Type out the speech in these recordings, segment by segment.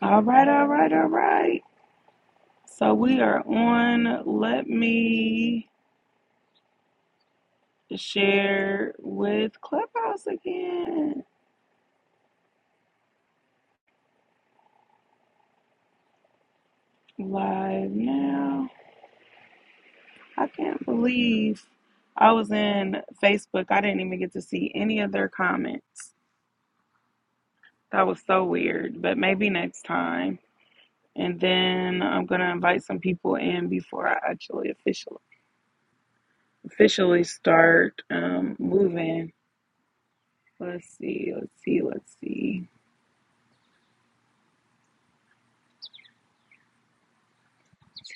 All right, all right, all right. So we are on. Let me share with Clubhouse again. Live now. I can't believe I was in Facebook. I didn't even get to see any of their comments. That was so weird, but maybe next time. And then I'm going to invite some people in before I actually officially officially start um, moving. Let's see, let's see, let's see.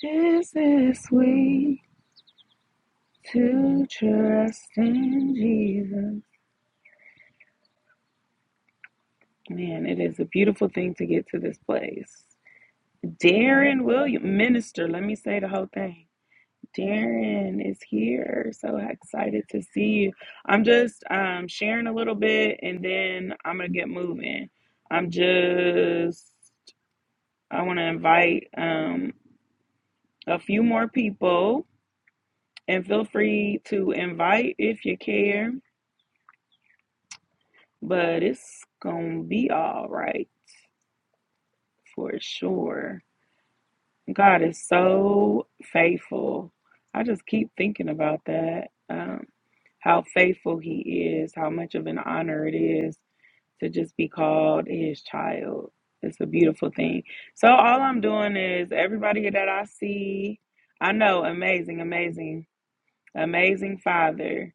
Tis this way to trust in Jesus. Man, it is a beautiful thing to get to this place. Darren William, minister, let me say the whole thing. Darren is here. So excited to see you. I'm just um, sharing a little bit and then I'm going to get moving. I'm just, I want to invite um, a few more people and feel free to invite if you care. but it's gonna be all right for sure. God is so faithful. I just keep thinking about that. Um, how faithful He is, how much of an honor it is to just be called His child. It's a beautiful thing. So, all I'm doing is everybody that I see, I know amazing, amazing, amazing Father.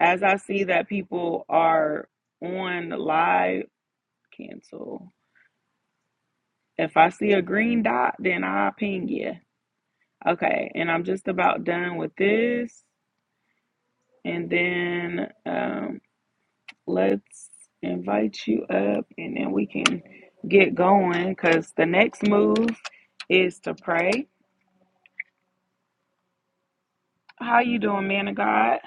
As I see that people are on live, cancel. If I see a green dot, then I'll ping you. Okay, and I'm just about done with this. And then um, let's invite you up and then we can get going because the next move is to pray. How you doing, man of God?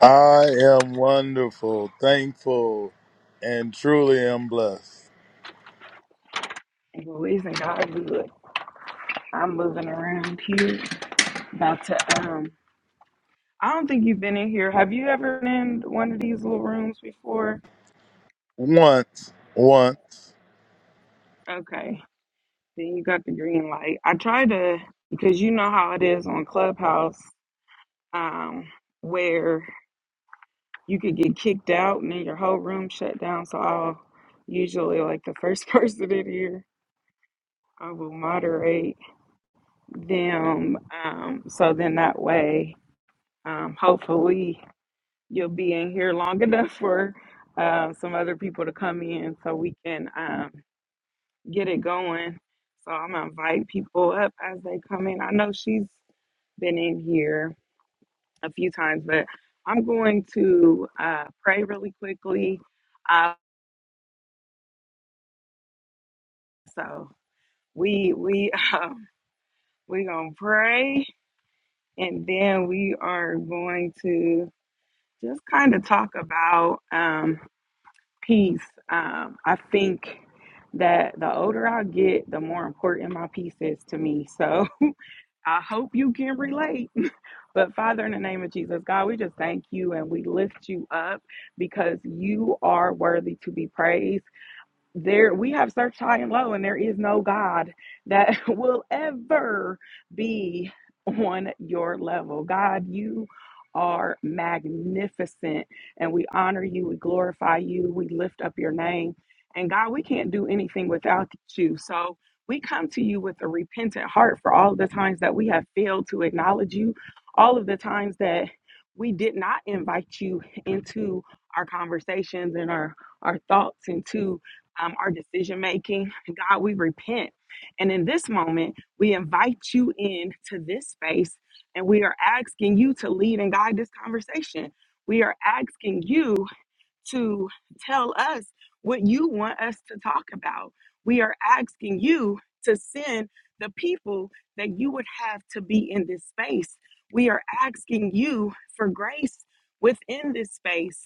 I am wonderful, thankful, and truly am blessed. Well, isn't God good? I'm moving around here. About to um I don't think you've been in here. Have you ever been in one of these little rooms before? Once, once. Okay. Then you got the green light. I try to because you know how it is on Clubhouse, um, where you could get kicked out and then your whole room shut down. So I'll usually like the first person in here, I will moderate them. Um, so then that way, um, hopefully you'll be in here long enough for uh, some other people to come in so we can um, get it going. So I'm gonna invite people up as they come in. I know she's been in here a few times, but I'm going to uh, pray really quickly. Uh, so we we um, we gonna pray, and then we are going to just kind of talk about um, peace. Um, I think that the older I get, the more important my peace is to me. So I hope you can relate But Father, in the name of Jesus, God, we just thank you and we lift you up because you are worthy to be praised there we have searched high and low and there is no god that will ever be on your level god you are magnificent and we honor you we glorify you we lift up your name and god we can't do anything without you so we come to you with a repentant heart for all of the times that we have failed to acknowledge you all of the times that we did not invite you into our conversations and our our thoughts into um, our decision making. God, we repent. And in this moment, we invite you in to this space and we are asking you to lead and guide this conversation. We are asking you to tell us what you want us to talk about. We are asking you to send the people that you would have to be in this space. We are asking you for grace within this space.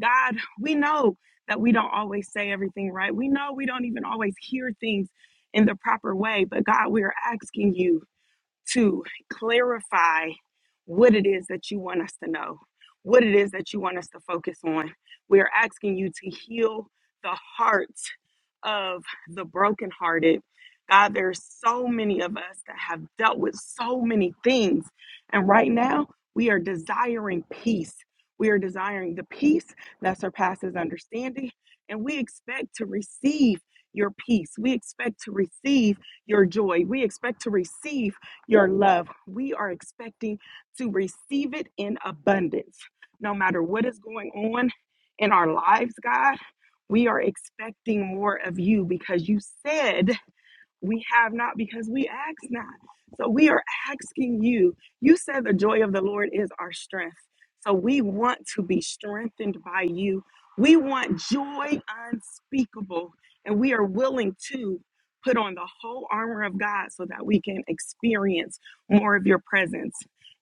God, we know that we don't always say everything right. We know we don't even always hear things in the proper way, but God, we are asking you to clarify what it is that you want us to know, what it is that you want us to focus on. We are asking you to heal the heart of the brokenhearted. God, there's so many of us that have dealt with so many things. And right now, we are desiring peace. We are desiring the peace that surpasses understanding. And we expect to receive your peace. We expect to receive your joy. We expect to receive your love. We are expecting to receive it in abundance, no matter what is going on in our lives, God we are expecting more of you because you said we have not because we ask not. So we are asking you. You said the joy of the Lord is our strength. So we want to be strengthened by you. We want joy unspeakable, and we are willing to put on the whole armor of God so that we can experience more of your presence,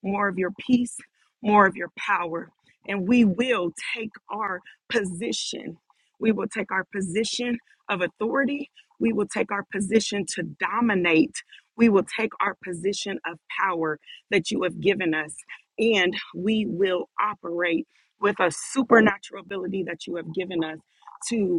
more of your peace, more of your power. And we will take our position. We will take our position of authority we will take our position to dominate. We will take our position of power that you have given us, and we will operate with a supernatural ability that you have given us. to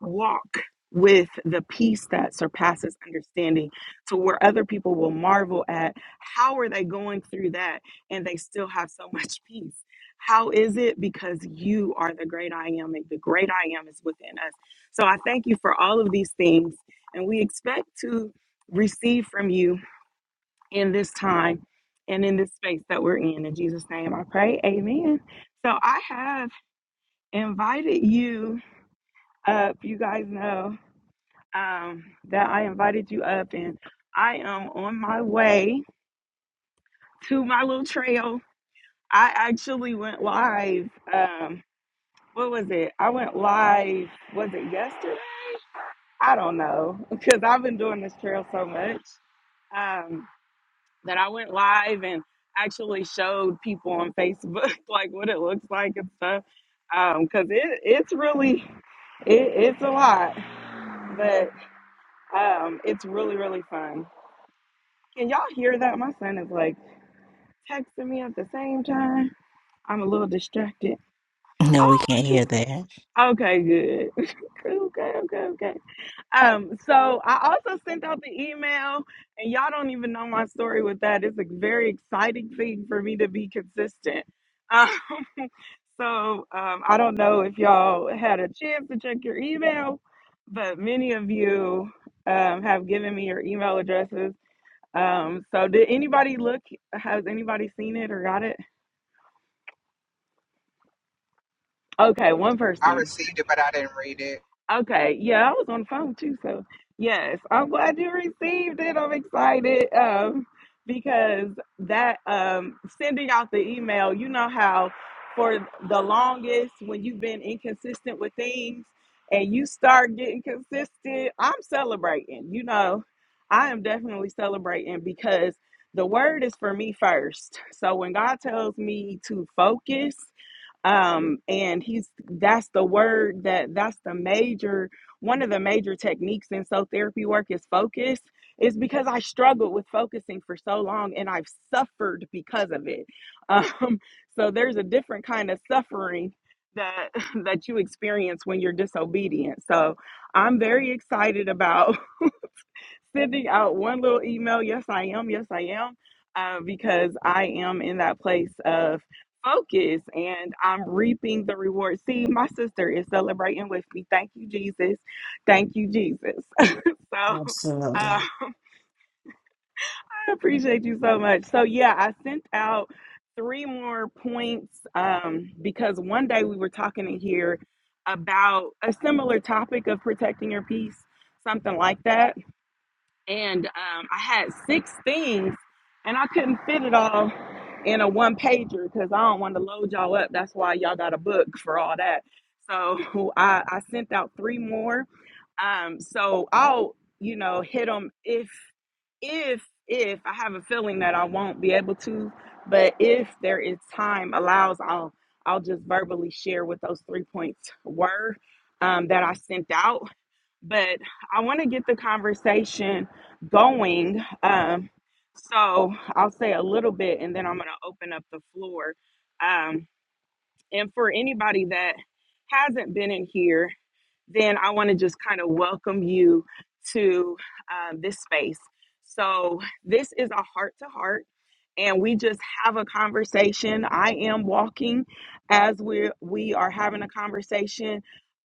walk with the peace that surpasses understanding to where other people will marvel at how are they going through that and they still have so much peace how is it because you are the great i am and the great i am is within us so i thank you for all of these things and we expect to receive from you in this time and in this space that we're in in jesus name i pray amen so i have invited you up you guys know um, that I invited you up, and I am on my way to my little trail. I actually went live. Um, what was it? I went live. Was it yesterday? I don't know because I've been doing this trail so much um, that I went live and actually showed people on Facebook like what it looks like and stuff. Because it it's really it, it's a lot, but um, it's really really fun. Can y'all hear that? My son is like texting me at the same time. I'm a little distracted. No, we can't Oh, look, hear that. okay, good. okay, okay, okay. Um, so I also sent out the email, and y'all don't even know my story with that. It's a very exciting thing for me to be consistent. Uh, so um, I don't know if y'all had a chance to check your email, but many of you um, have given me your email addresses. Um, so did anybody look? Has anybody seen it or got it? Okay, one I person. received it, but I didn't read it. Okay, yeah, I was on the phone too, so yes, I'm glad you received it. I'm excited um, because that um, sending out the email, you know how for the longest when you've been inconsistent with things and you start getting consistent, I'm celebrating. You know, I am definitely celebrating because the word is for me first. So when God tells me to focus um and he's that's the word that that's the major one of the major techniques in soul therapy work is focus is because i struggled with focusing for so long and i've suffered because of it um so there's a different kind of suffering that that you experience when you're disobedient so i'm very excited about sending out one little email. Yes, I am. Yes, I am. Uh, because I am in that place of focus and I'm reaping the reward. See, my sister is celebrating with me. Thank you, Jesus. Thank you, Jesus. so uh, I Absolutely. appreciate you so much. So, yeah, I sent out three more points um, because one day we were talking in here about a similar topic of protecting your peace, something like that and um, I had six things, and I couldn't fit it all in a one pager because I don't want to load y'all up. That's why y'all got a book for all that. So I, I sent out three more. Um, so I'll you know hit them if if if I have a feeling that I won't be able to, but if there is time allows, I'll I'll just verbally share what those three points were um, that I sent out but I want to get the conversation going. Um, so I'll say a little bit and then I'm going to open up the floor. Um, and for anybody that hasn't been in here, then I want to just kind of welcome you to um, this space. So, this is a heart to heart, and we just have a conversation. I am walking as we we are having a conversation.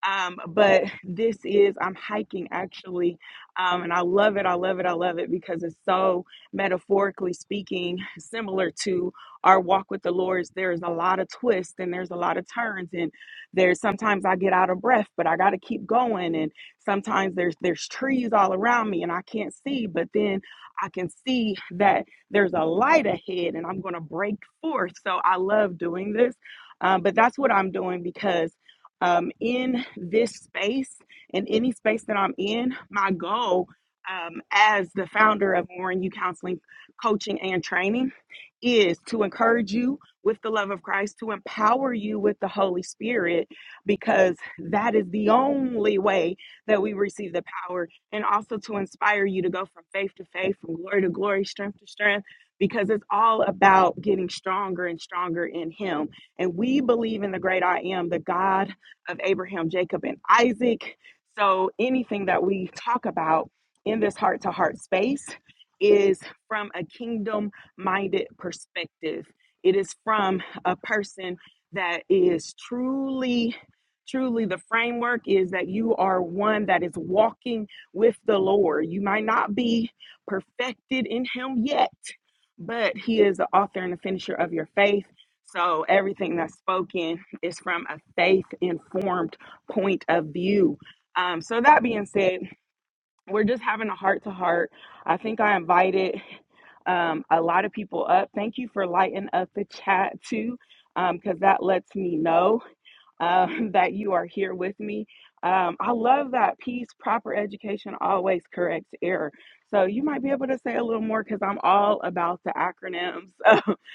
Um, but this is I'm hiking actually, um, and I love it. I love it. I love it because it's so metaphorically speaking similar to our walk with the Lord. There's a lot of twists and there's a lot of turns, and there's sometimes I get out of breath, but I got to keep going. And sometimes there's there's trees all around me and I can't see, but then I can see that there's a light ahead and I'm going to break forth. So I love doing this. Um, but that's what I'm doing because um, in this space, in any space that I'm in, my goal um, as the founder of Warren U Counseling Coaching and Training is to encourage you with the love of Christ, to empower you with the Holy Spirit, because that is the only way that we receive the power, and also to inspire you to go from faith to faith, from glory to glory, strength to strength, because it's all about getting stronger and stronger in Him. And we believe in the great I am, the God of Abraham, Jacob, and Isaac. So anything that we talk about in this heart to heart space is from a kingdom minded perspective it is from a person that is truly truly the framework is that you are one that is walking with the lord you might not be perfected in him yet but he is the author and the finisher of your faith so everything that's spoken is from a faith informed point of view um, so that being said we're just having a heart to heart. I think I invited um, a lot of people up. Thank you for lighting up the chat too, because um, that lets me know um, that you are here with me. Um, I love that piece. Proper education always corrects error. So you might be able to say a little more because I'm all about the acronyms.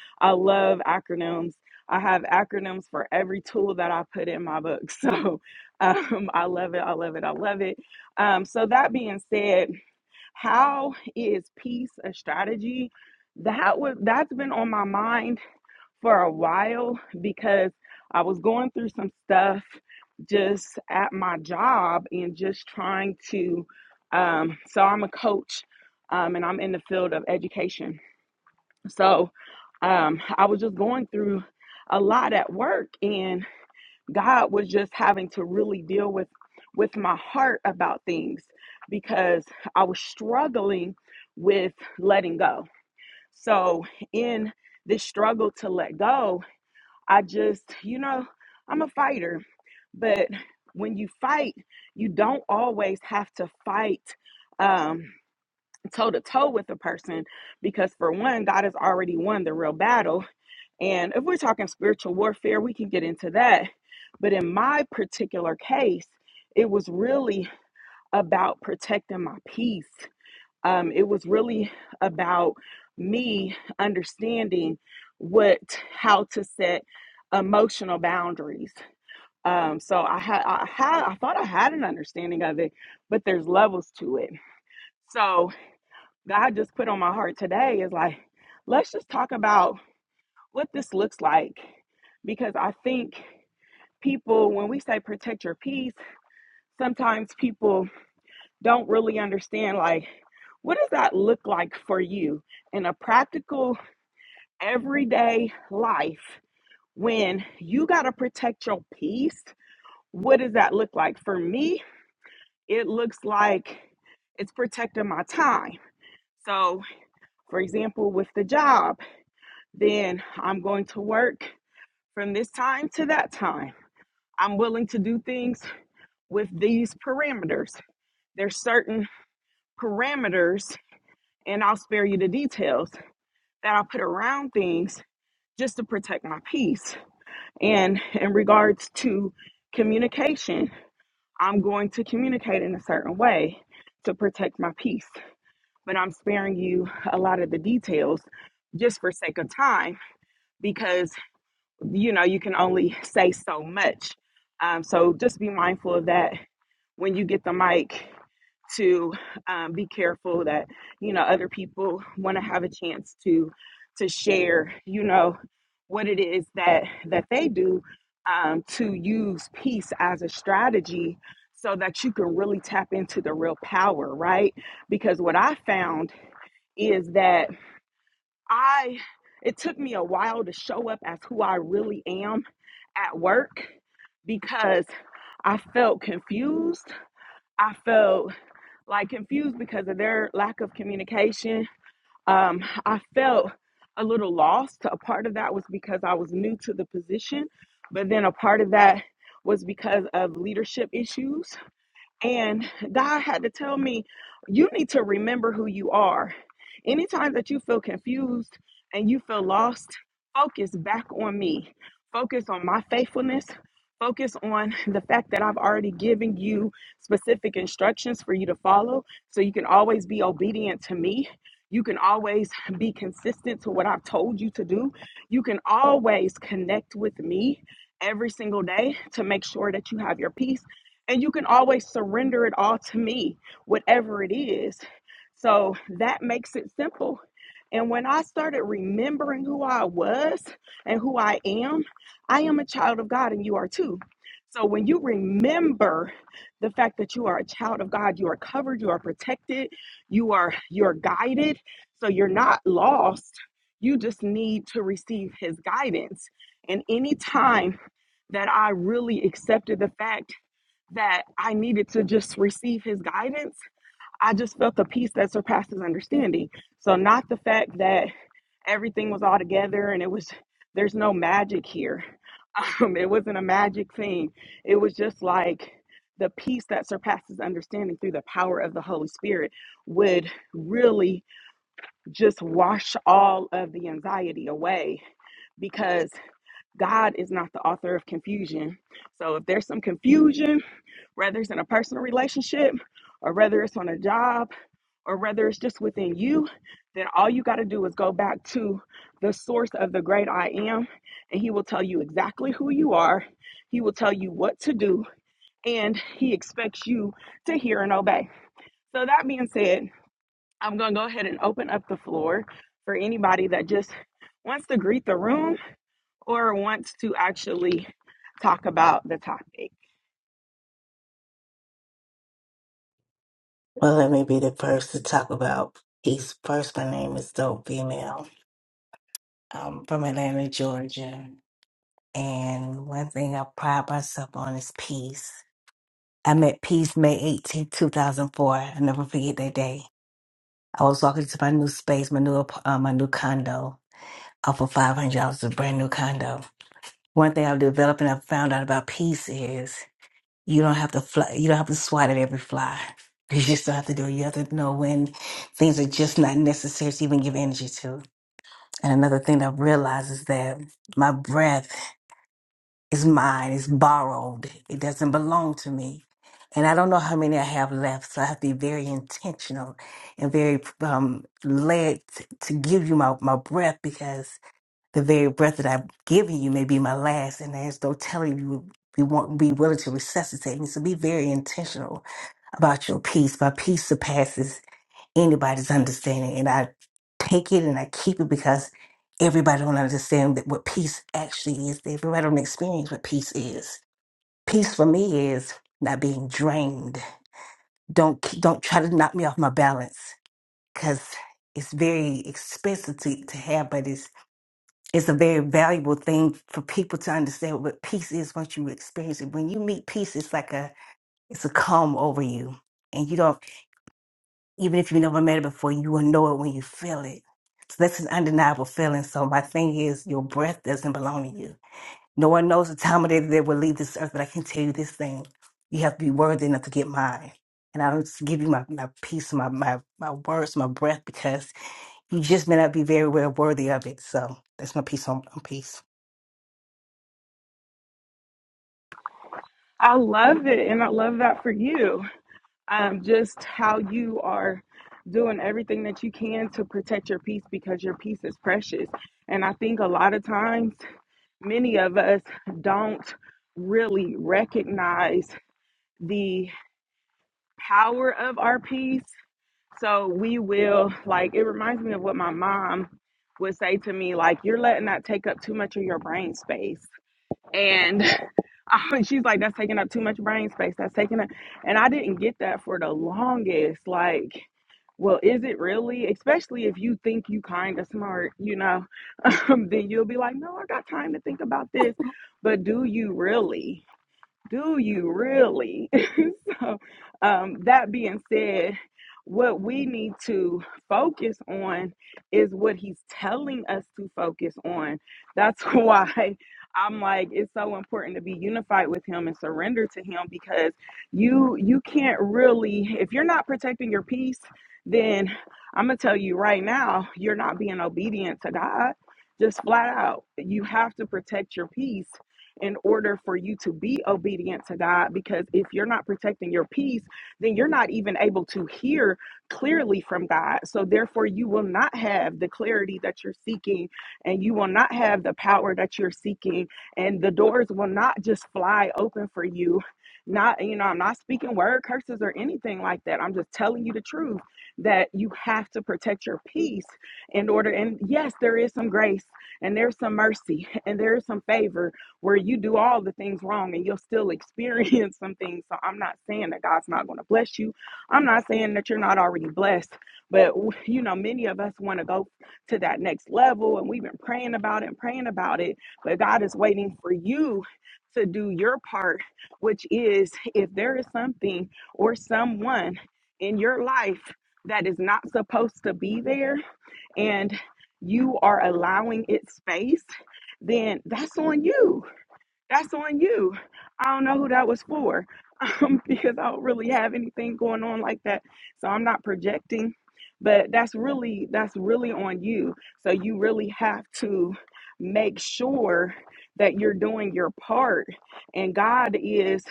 I love acronyms. I have acronyms for every tool that I put in my book. So um, I love it. I love it. I love it. Um, so that being said, how is peace a strategy? That was that's been on my mind for a while because I was going through some stuff just at my job and just trying to. Um, so I'm a coach um, and I'm in the field of education. So um, I was just going through a lot at work and God was just having to really deal with with my heart about things because I was struggling with letting go. So in this struggle to let go, I just, you know, I'm a fighter, but when you fight, you don't always have to fight um toe to toe with a person because for one God has already won the real battle and if we're talking spiritual warfare we can get into that but in my particular case it was really about protecting my peace um, it was really about me understanding what how to set emotional boundaries um, so I had I had I thought I had an understanding of it, but there's levels to it. So God just put on my heart today is like, let's just talk about what this looks like, because I think people when we say protect your peace, sometimes people don't really understand like what does that look like for you in a practical everyday life when you got to protect your peace what does that look like for me it looks like it's protecting my time so for example with the job then i'm going to work from this time to that time i'm willing to do things with these parameters there's certain parameters and i'll spare you the details that I put around things just to protect my peace. And in regards to communication, I'm going to communicate in a certain way to protect my peace. But I'm sparing you a lot of the details just for sake of time because you know you can only say so much. Um, so just be mindful of that when you get the mic to um, be careful that you know other people want to have a chance to to share you know what it is that that they do um, to use peace as a strategy so that you can really tap into the real power right because what i found is that i it took me a while to show up as who i really am at work because i felt confused i felt like confused because of their lack of communication. Um, I felt a little lost. A part of that was because I was new to the position, but then a part of that was because of leadership issues. And God had to tell me, you need to remember who you are. Anytime that you feel confused and you feel lost, focus back on me. Focus on my faithfulness. Focus on the fact that I've already given you specific instructions for you to follow so you can always be obedient to me. You can always be consistent to what I've told you to do. You can always connect with me every single day to make sure that you have your peace and you can always surrender it all to me, whatever it is. So that makes it simple. And when I started remembering who I was and who I am, I am a child of God and you are too. So when you remember the fact that you are a child of God, you are covered, you are protected, you are you're guided, so you're not lost. You just need to receive his guidance. And any time that I really accepted the fact that I needed to just receive his guidance. I just felt the peace that surpasses understanding. So, not the fact that everything was all together and it was, there's no magic here. it wasn't a magic thing. It was just like the peace that surpasses understanding through the power of the Holy Spirit would really just wash all of the anxiety away because God is not the author of confusion. So, if there's some confusion, whether it's in a personal relationship or whether it's on a job or whether it's just within you, then all you got to do is go back to the source of the great I am, and He will tell you exactly who you are. He will tell you what to do, and He expects you to hear and obey. So, that being said, I'm going to go ahead and open up the floor for anybody that just wants to greet the room or wants to actually talk about the topic. Well, let me be the first to talk about peace. First, my name is Dope Female. I'm from Atlanta, Georgia. And one thing I pride myself on is peace. I met peace May 18, 2004. I'll never forget that day. I was walking to my new space, my new, ap- uh, my new condo, off of $500, a brand new condo. One thing I've developed and I've found out about peace is You don't have to fly, you don't have to swat at every fly. You just don't have to do it. You have to know when things are just not necessary to even give energy to. And another thing that I've realized is that my breath is mine, it's borrowed. It doesn't belong to me. And I don't know how many I have left, so I have to be very intentional and very um, led t- to give you my, my breath because the very breath that I've given you may be my last, and there's no telling you we won't be willing to resuscitate me. So be very intentional about your peace. My peace surpasses anybody's understanding, and I take it and I keep it because everybody don't understand that what peace actually is. Everybody don't experience what peace is. Peace for me is not being drained. Don't don't try to knock me off my balance because it's very expensive to, to have, but it's it's a very valuable thing for people to understand what peace is once you experience it. When you meet peace, it's like a it's a calm over you, and you don't even if you never met it before, you will know it when you feel it. So that's an undeniable feeling. So my thing is, your breath doesn't belong to you. No one knows the time of day that they will leave this earth, but I can tell you this thing: you have to be worthy enough to get mine. And I don't just give you my, my peace, my, my my words, my breath, because you just may not be very well worthy of it. So that's my piece on, on peace. I love it, and I love that for you. um, just how you are doing everything that you can to protect your peace because your peace is precious. And I think a lot of times, many of us don't really recognize the power of our peace. So we will, like, it reminds me of what my mom would say to me, like, you're letting that take up too much of your brain space. And she's like, that's taking up too much brain space. That's taking up. And I didn't get that for the longest. Like, well, is it really? Especially if you think you kind of smart, you know, um, then you'll be like, no, I got time to think about this. But do you really? Do you really? so, um, that being said, what we need to focus on is what he's telling us to focus on. That's why I'm like, it's so important to be unified with him and surrender to him because you you can't really, if you're not protecting your peace, then I'm gonna tell you right now, you're not being obedient to God. Just flat out, you have to protect your peace in order for you to be obedient to God. Because if you're not protecting your peace, then you're not even able to hear clearly from God. So therefore, you will not have the clarity that you're seeking, and you will not have the power that you're seeking, and the doors will not just fly open for you. Not, you know, I'm not speaking word curses or anything like that. I'm just telling you the truth that you have to protect your peace in order. And yes, there is some grace and there's some mercy and there's some favor where you do all the things wrong and you'll still experience some things. So I'm not saying that God's not going to bless you. I'm not saying that you're not already blessed, but you know, many of us want to go to that next level and we've been praying about it and praying about it, but God is waiting for you to do your part, which is if there is something or someone in your life that is not supposed to be there and you are allowing it space, then that's on you that's on you. I don't know who that was for um, because I don't really have anything going on like that. So I'm not projecting, but that's really that's really on you. So you really have to make sure that you're doing your part and God is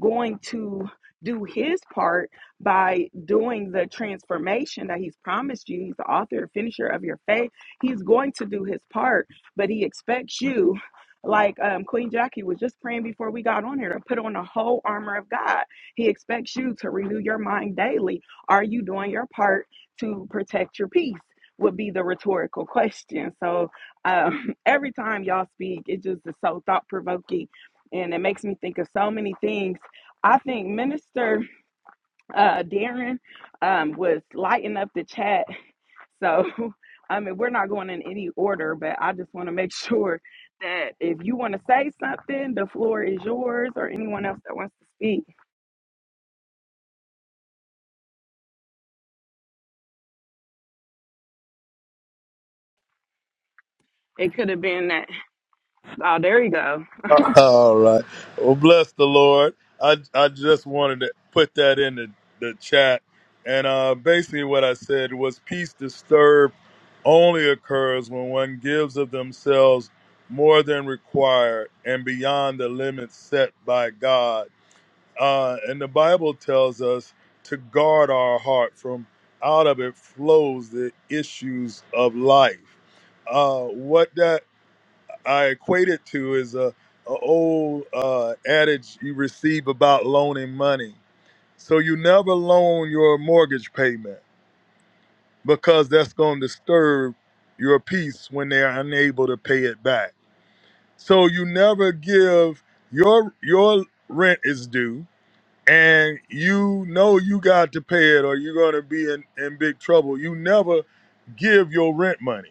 going to do his part by doing the transformation that he's promised you. He's the author and finisher of your faith. He's going to do his part, but he expects you like um, Queen Jackie was just praying before we got on here to put on the whole armor of God. He expects you to renew your mind daily. Are you doing your part to protect your peace? Would be the rhetorical question. So um, every time y'all speak, it just is so thought provoking and it makes me think of so many things. I think Minister uh, Darren um, was lighting up the chat. So, I mean, we're not going in any order, but I just want to make sure that if you want to say something, the floor is yours, or anyone else that wants to speak. It could have been that. Oh, there you go. All right. Well, bless the Lord. I, I just wanted to put that in the, the chat. And uh, basically, what I said was peace disturbed only occurs when one gives of themselves more than required and beyond the limits set by God Uh, and the Bible tells us to guard our heart from out of it flows the issues of life. Uh, what that I equate it to is a, a old uh, adage you receive about loaning money. So you never loan your mortgage payment because that's going to disturb your peace when they're unable to pay it back. So you never give your your rent is due and you know you got to pay it or you're going to be in, in big trouble. You never give your rent money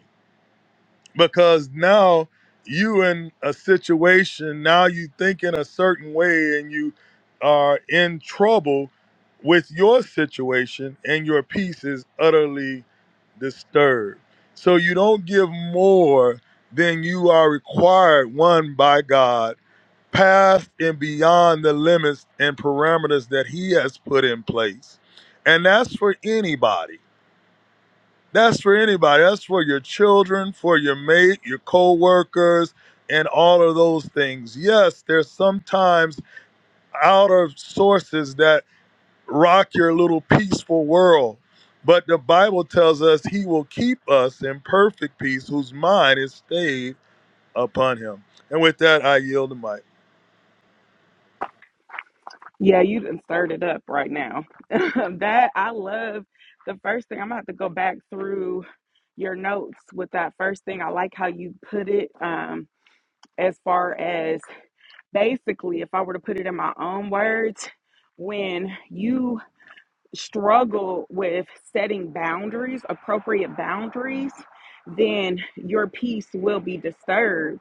because now you in a situation, now you think in a certain way and you are in trouble with your situation and your peace is utterly disturbed. So you don't give more than you are required, one, by God past and beyond the limits and parameters that he has put in place. And that's for anybody. That's for anybody. That's for your children, for your mate, your co-workers, and all of those things. Yes, there's sometimes outer sources that rock your little peaceful world. But the Bible tells us he will keep us in perfect peace whose mind is stayed upon him. And with that, I yield the mic. Yeah, you done stirred it up right now. that I love the first thing. I'm gonna have to go back through your notes with that first thing. I like how you put it um, as far as basically, if I were to put it in my own words, when you struggle with setting boundaries, appropriate boundaries, then your peace will be disturbed.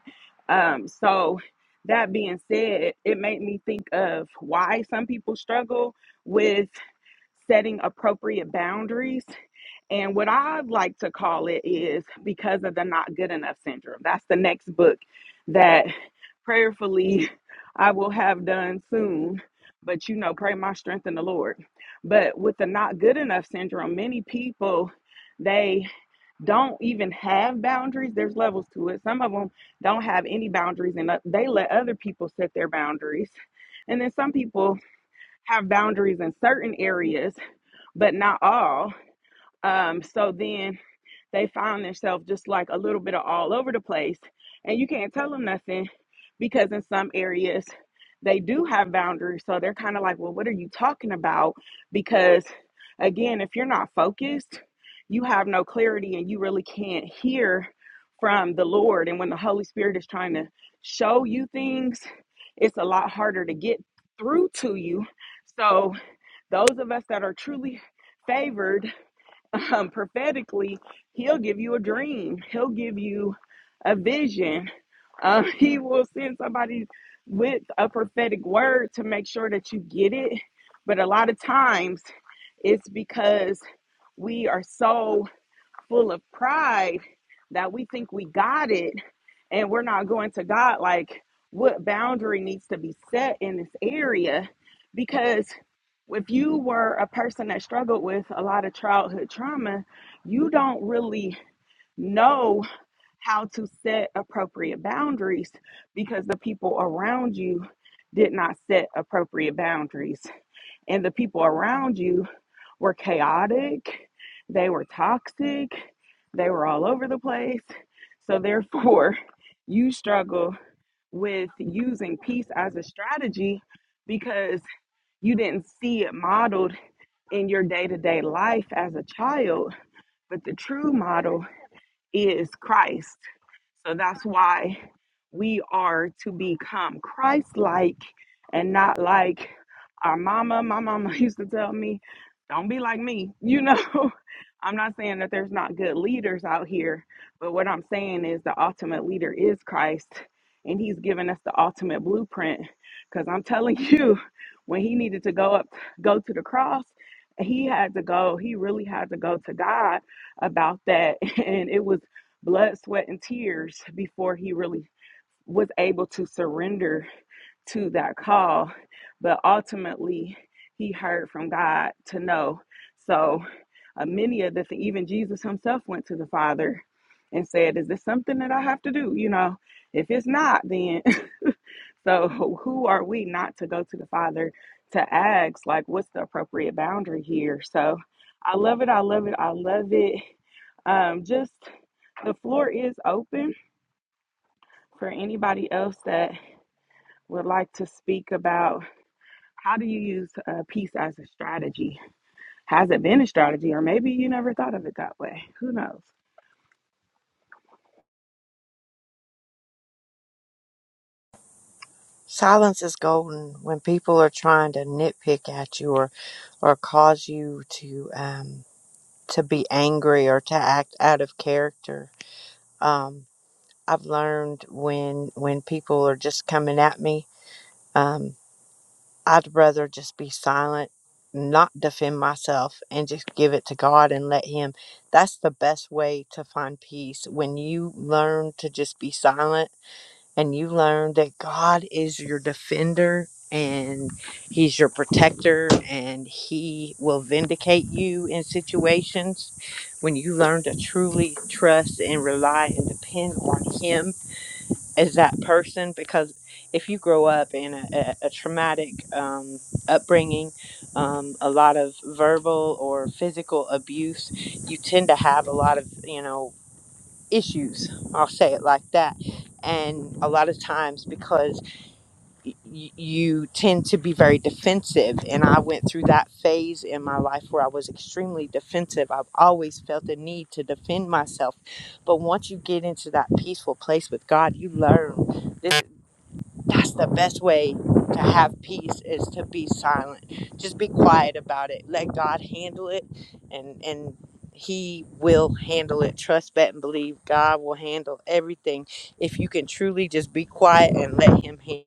Um, so, that being said, it made me think of why some people struggle with setting appropriate boundaries and what I like to call it is because of the not good enough syndrome. That's the next book that prayerfully I will have done soon. But you know, pray my strength in the Lord. But with the not good enough syndrome, many people they don't even have boundaries. There's levels to it. Some of them don't have any boundaries and they let other people set their boundaries. And then some people have boundaries in certain areas, but not all. Um, so then they find themselves just like a little bit of all over the place and you can't tell them nothing because in some areas they do have boundaries so they're kind of like well what are you talking about because again if you're not focused you have no clarity and you really can't hear from the lord and when the holy spirit is trying to show you things it's a lot harder to get through to you so those of us that are truly favored um, prophetically, he'll give you a dream. He'll give you a vision. Um, he will send somebody with a prophetic word to make sure that you get it. But a lot of times, it's because we are so full of pride that we think we got it and we're not going to God, like what boundary needs to be set in this area? Because if you were a person that struggled with a lot of childhood trauma, you don't really know how to set appropriate boundaries because the people around you did not set appropriate boundaries. And the people around you were chaotic, they were toxic, they were all over the place. So, therefore, you struggle with using peace as a strategy because you didn't see it modeled in your day to day life as a child. But the true model is Christ. So that's why we are to become Christ like and not like our mama. My mama used to tell me, don't be like me. You know, I'm not saying that there's not good leaders out here, but what I'm saying is the ultimate leader is Christ and he's given us the ultimate blueprint. Because I'm telling you, when he needed to go up, go to the cross, he had to go, he really had to go to God about that. And it was blood, sweat, and tears before he really was able to surrender to that call. But ultimately, he heard from God to know. So uh, many of the, things, even Jesus himself went to the Father and said, Is this something that I have to do? You know, if it's not, then so who are we not to go to the Father to ask, like, what's the appropriate boundary here? So I love it. I love it. I love it. Um, just the floor is open for anybody else that would like to speak about how do you use uh, peace as a strategy? Has it been a strategy, or maybe you never thought of it that way? Who knows? Silence is golden when people are trying to nitpick at you or, or cause you to um, to be angry or to act out of character. Um, I've learned when when people are just coming at me, um, I'd rather just be silent, not defend myself, and just give it to God and let Him. That's the best way to find peace when you learn to just be silent and you learn that God is your defender and he's your protector and he will vindicate you in situations when you learn to truly trust and rely and depend on him as that person because if you grow up in a, a, a traumatic um, upbringing um, a lot of verbal or physical abuse you tend to have a lot of you know issues. I'll say it like that. And a lot of times, because y- y- you tend to be very defensive, and I went through that phase in my life where I was extremely defensive. I've always felt the need to defend myself. But once you get into that peaceful place with God, you learn that's the best way to have peace is to be silent just be quiet about it let god handle it and and he will handle it trust bet, and believe god will handle everything if you can truly just be quiet and let him handle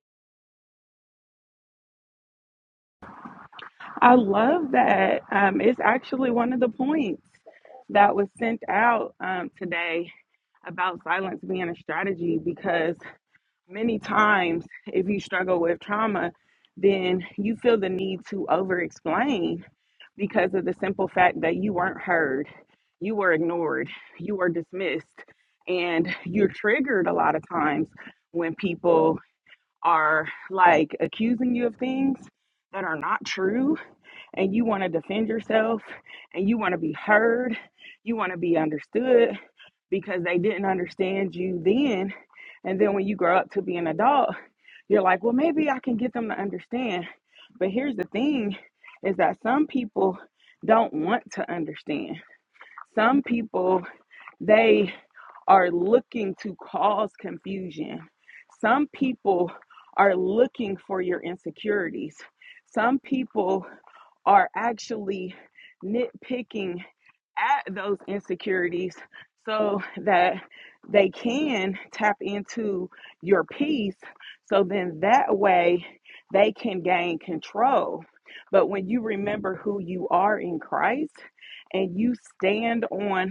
I love that. Um, it's actually one of the points that was sent out um, today about silence being a strategy because many times, if you struggle with trauma, then you feel the need to over explain because of the simple fact that you weren't heard, you were ignored, you were dismissed, and you're triggered a lot of times when people are like accusing you of things that are not true and you want to defend yourself and you want to be heard, you want to be understood because they didn't understand you then. And then when you grow up to be an adult, you're like, well, maybe I can get them to understand. But here's the thing is that some people don't want to understand. Some people, they are looking to cause confusion. Some people are looking for your insecurities. Some people are actually nitpicking at those insecurities so that they can tap into your peace. So then that way they can gain control. But when you remember who you are in Christ and you stand on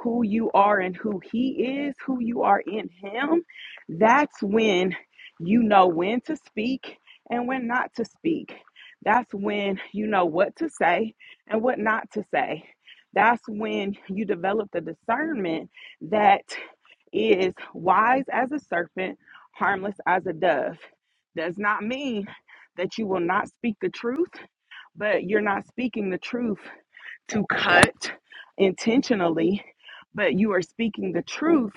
who you are and who He is, who you are in Him, that's when you know when to speak and when not to speak. That's when you know what to say and what not to say. That's when you develop the discernment that is wise as a serpent, harmless as a dove. Does not mean that you will not speak the truth, but you're not speaking the truth to cut intentionally, but you are speaking the truth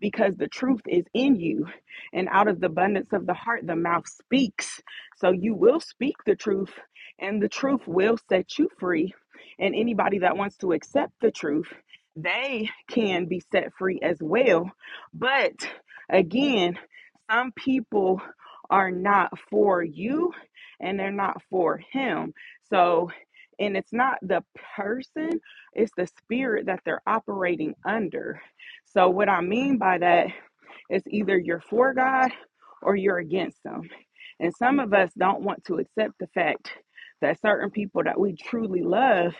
because the truth is in you. And out of the abundance of the heart, the mouth speaks. So you will speak the truth, and the truth will set you free. And anybody that wants to accept the truth, they can be set free as well. But again, some people are not for you and they're not for him. So and it's not the person, it's the spirit that they're operating under. So, what I mean by that is either you're for God or you're against them. And some of us don't want to accept the fact that certain people that we truly love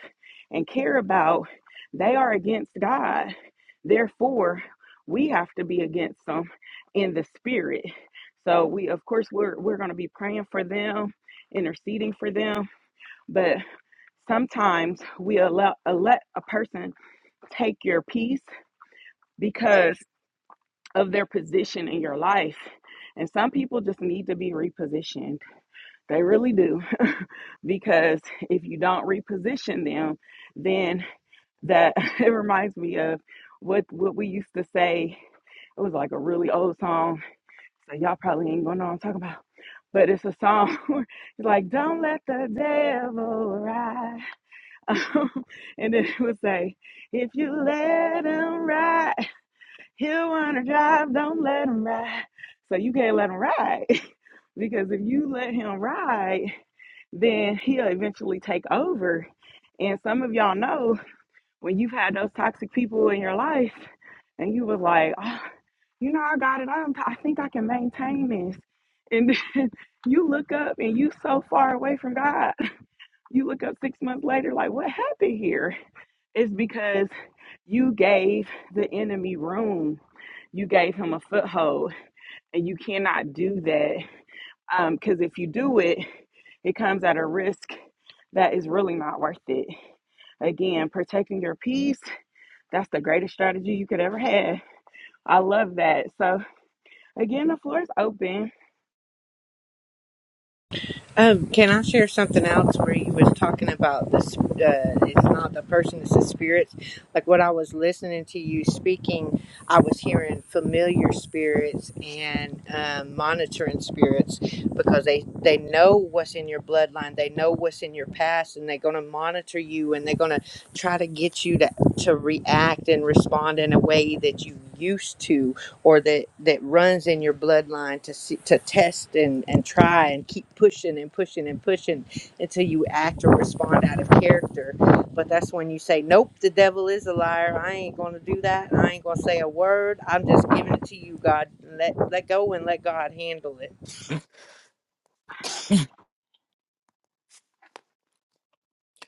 and care about, they are against God. Therefore, we have to be against them in the spirit. So we of course we're we're going to be praying for them, interceding for them, but sometimes we allow uh, let a person take your peace because of their position in your life. And some people just need to be repositioned. They really do. because if you don't reposition them, then that it reminds me of what what we used to say. It was like a really old song. So y'all probably ain't gonna know what I'm talking about. But it's a song it's like, Don't let the devil ride. Um, and then it would say, if you let him ride, he'll want to drive. Don't let him ride. So you can't let him ride because if you let him ride, then he'll eventually take over. And some of y'all know when you've had those toxic people in your life and you was like, oh, you know, I got it. I'm, I think I can maintain this. And then you look up and you so far away from God. You look up six months later, like, what happened here? It's because you gave the enemy room. You gave him a foothold, and you cannot do that because if you do it, it comes at a risk that is really not worth it. Again, protecting your peace, that's the greatest strategy you could ever have. I love that. So, again, the floor is open. Um, can I share something else where you was talking about this? Uh, it's not the person; it's the spirits. Like what I was listening to you speaking, I was hearing familiar spirits and um, monitoring spirits because they they know what's in your bloodline, they know what's in your past, and they're going to monitor you and they're going to try to get you to to react and respond in a way that you used to or that that runs in your bloodline to see, to test and and try and keep pushing and pushing and pushing until you act or respond out of character but that's when you say nope the devil is a liar i ain't going to do that i ain't going to say a word i'm just giving it to you god let let go and let god handle it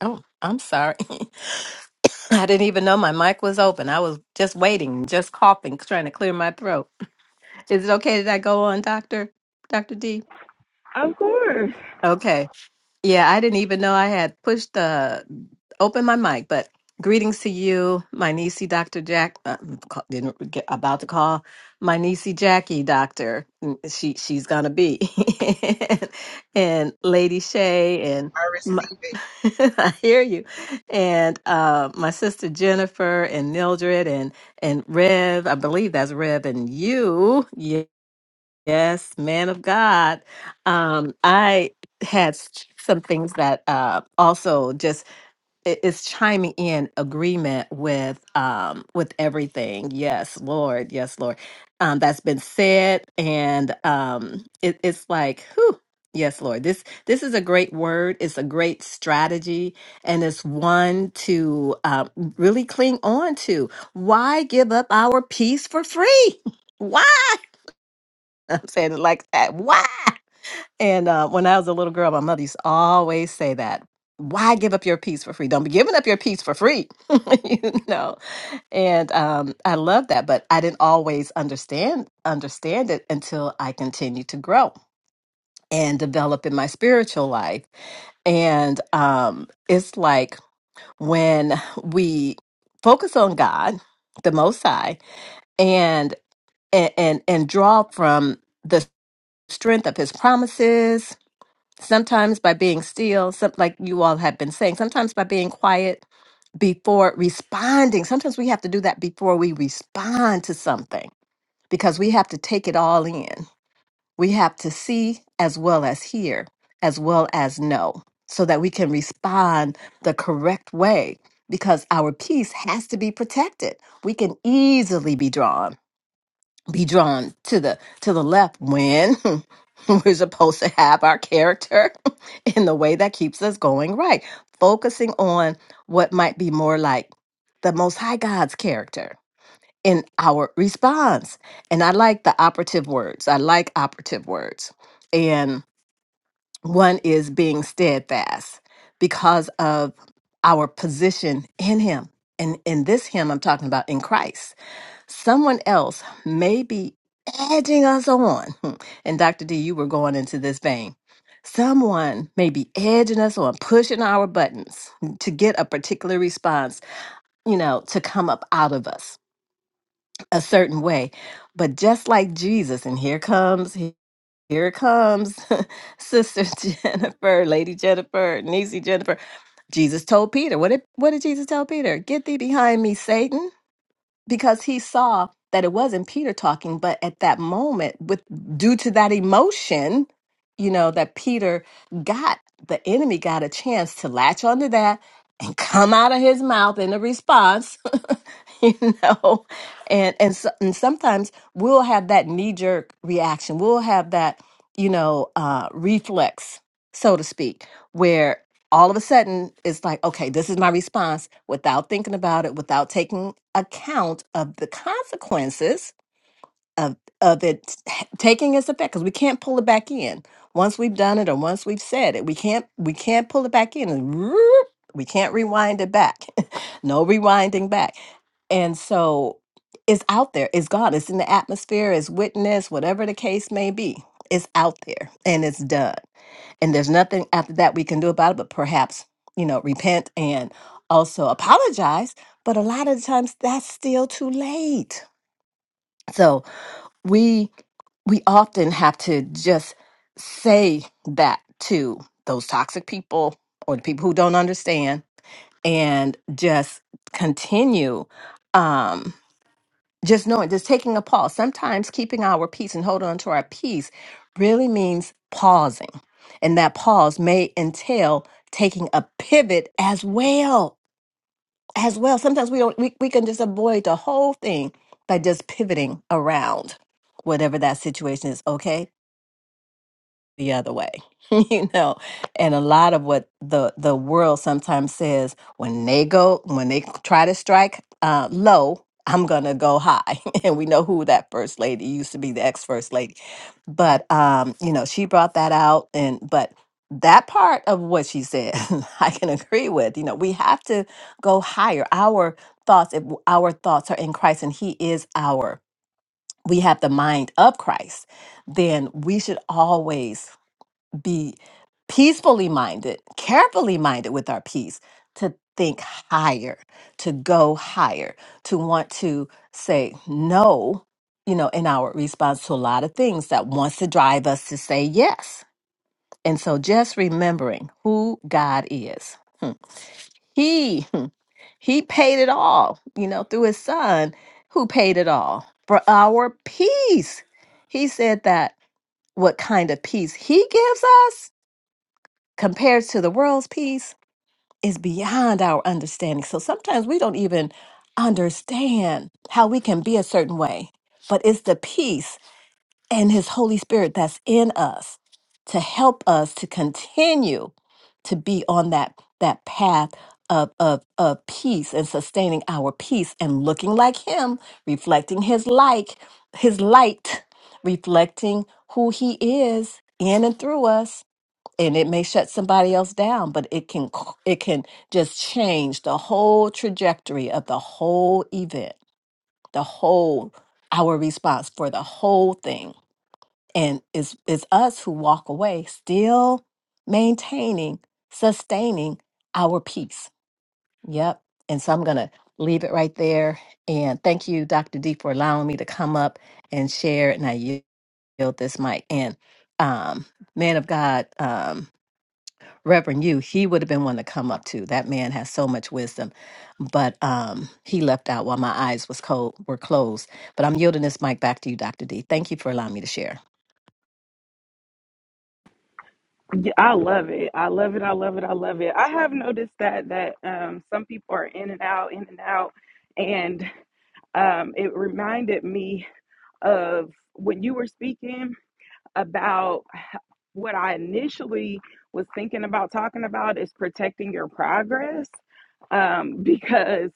Oh, I'm sorry. I didn't even know my mic was open. I was just waiting, just coughing, trying to clear my throat. Is it okay that I go on, Doctor? Doctor D? Of course. Okay. Yeah, I didn't even know I had pushed the open my mic, but greetings to you, my niecey, Dr. Jack. Uh, mm, ca- didn't get about to call my niecey Jackie, Doctor. Mm, She she's gonna be, and Lady Shay I and. received it. I hear you. And uh, my sister Jennifer and Mildred and and Rev, I believe that's Rev and you. Ye- Yes, man of God. Um, I had s- some things that uh, also just it- it's chiming in agreement with um with everything yes lord yes lord um that's been said and um it, it's like whew yes lord this this is a great word it's a great strategy and it's one to um, really cling on to why give up our peace for free why i'm saying it like that why and uh, when I was a little girl, my mother used to always say that. Why give up your peace for free? Don't be giving up your peace for free, you know. And um, I love that, but I didn't always understand understand it until I continued to grow and develop in my spiritual life. And um, it's like when we focus on God, the Most High, and and and, and draw from the strength of His promises sometimes by being still, some, like you all have been saying, sometimes by being quiet before responding. Sometimes we have to do that before we respond to something because we have to take it all in. We have to see as well as hear, as well as know, so that we can respond the correct way because our peace has to be protected. We can easily be drawn be drawn to the to the left when we're supposed to have our character in the way that keeps us going right focusing on what might be more like the most high god's character in our response and i like the operative words i like operative words and one is being steadfast because of our position in him and in this him i'm talking about in christ someone else may be edging us on. And Dr. D, you were going into this vein. Someone may be edging us on, pushing our buttons to get a particular response, you know, to come up out of us a certain way. But just like Jesus, and here comes, here it comes, Sister Jennifer, Lady Jennifer, Niecey Jennifer. Jesus told Peter, what did, what did Jesus tell Peter? Get thee behind me, Satan because he saw that it wasn't Peter talking, but at that moment, with due to that emotion, you know, that Peter got the enemy got a chance to latch onto that and come out of his mouth in a response you know and and, so, and sometimes we'll have that knee jerk reaction we'll have that you know uh reflex so to speak where all of a sudden it's like okay this is my response without thinking about it without taking account of the consequences of of it taking its effect because we can't pull it back in once we've done it or once we've said it we can't we can't pull it back in and we can't rewind it back no rewinding back and so it's out there, it's gone, it's in the atmosphere, it's witness, whatever the case may be. It's out there and it's done. And there's nothing after that we can do about it, but perhaps, you know, repent and also apologize. But a lot of the times that's still too late. So we we often have to just say that to those toxic people or the people who don't understand and just continue. Um just knowing, just taking a pause. Sometimes keeping our peace and holding on to our peace really means pausing. And that pause may entail taking a pivot as well. As well. Sometimes we don't we, we can just avoid the whole thing by just pivoting around whatever that situation is. Okay the other way you know and a lot of what the the world sometimes says when they go when they try to strike uh, low i'm gonna go high and we know who that first lady used to be the ex first lady but um you know she brought that out and but that part of what she said i can agree with you know we have to go higher our thoughts if our thoughts are in christ and he is our we have the mind of christ then we should always be peacefully minded, carefully minded with our peace, to think higher, to go higher, to want to say no, you know, in our response to a lot of things that wants to drive us to say yes. And so just remembering who God is. Hmm. He hmm, he paid it all, you know, through his son who paid it all for our peace. He said that what kind of peace he gives us compared to the world's peace is beyond our understanding. So sometimes we don't even understand how we can be a certain way, but it's the peace and His Holy Spirit that's in us to help us to continue to be on that that path of, of, of peace and sustaining our peace and looking like him reflecting his like his light reflecting who he is in and through us and it may shut somebody else down but it can c- it can just change the whole trajectory of the whole event the whole our response for the whole thing and it's it's us who walk away still maintaining sustaining our peace yep and so i'm gonna leave it right there and thank you dr d for allowing me to come up and share and i yield this mic and um man of god um, Reverend Yu, he would have been one to come up to. That man has so much wisdom, but um, he left out while my eyes was cold were closed. But I'm yielding this mic back to you, Dr. D. Thank you for allowing me to share. Yeah, I love it. I love it. I love it. I love it. I have noticed that that um, some people are in and out, in and out, and. um, it reminded me of when you were speaking about what I initially was thinking about talking about is protecting your progress um, because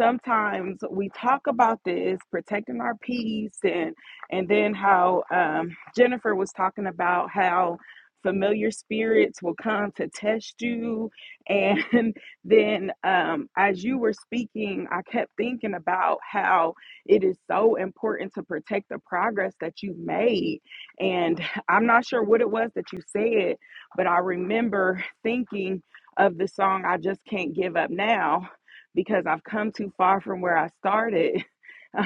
sometimes we talk about this protecting our peace and and then how um, Jennifer was talking about how familiar spirits will come to test you and then um, as you were speaking i kept thinking about how it is so important to protect the progress that you've made and I'm not sure what it was that you said, but I remember thinking of the song I Just Can't Give Up Now because I've come too far from where I started.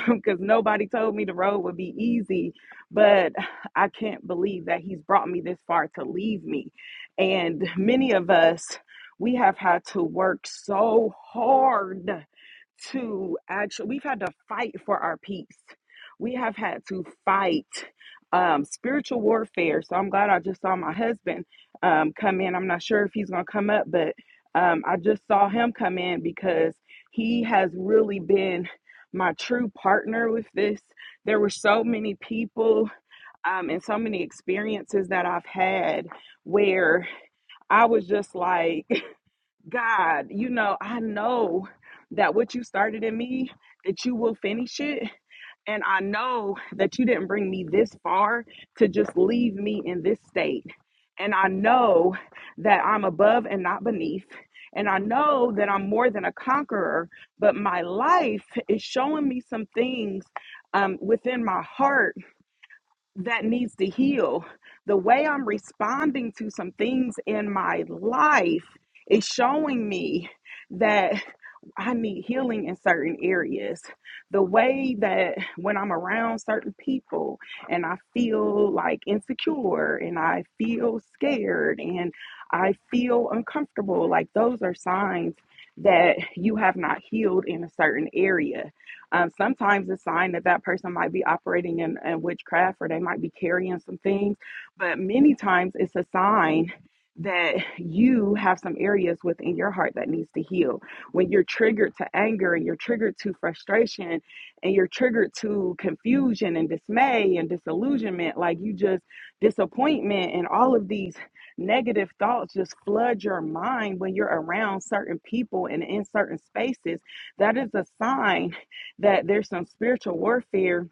Because nobody told me the road would be easy, but I can't believe that he's brought me this far to leave me. And many of us, we have had to work so hard to actually we've had to fight for our peace we have had to fight um, spiritual warfare so i'm glad i just saw my husband um, come in i'm not sure if he's going to come up but um, i just saw him come in because he has really been my true partner with this there were so many people um, and so many experiences that i've had where i was just like God, you know, I know that what you started in me, that you will finish it. And I know that you didn't bring me this far to just leave me in this state. And I know that I'm above and not beneath. And I know that I'm more than a conqueror, but my life is showing me some things um, within my heart that needs to heal. The way I'm responding to some things in my life is showing me that I need healing in certain areas. The way that when I'm around certain people and I feel like insecure and I feel scared and I feel uncomfortable, like those are signs that you have not healed in a certain area um, sometimes it's a sign that that person might be operating in, in witchcraft or they might be carrying some things, but many times it's a sign that you have some areas within your heart that needs to heal. When you're triggered to anger and you're triggered to frustration and you're triggered to confusion and dismay and disillusionment, like you just disappointment and all of these negative thoughts just flood your mind when you're around certain people and in certain spaces, that is a sign that there's some spiritual warfare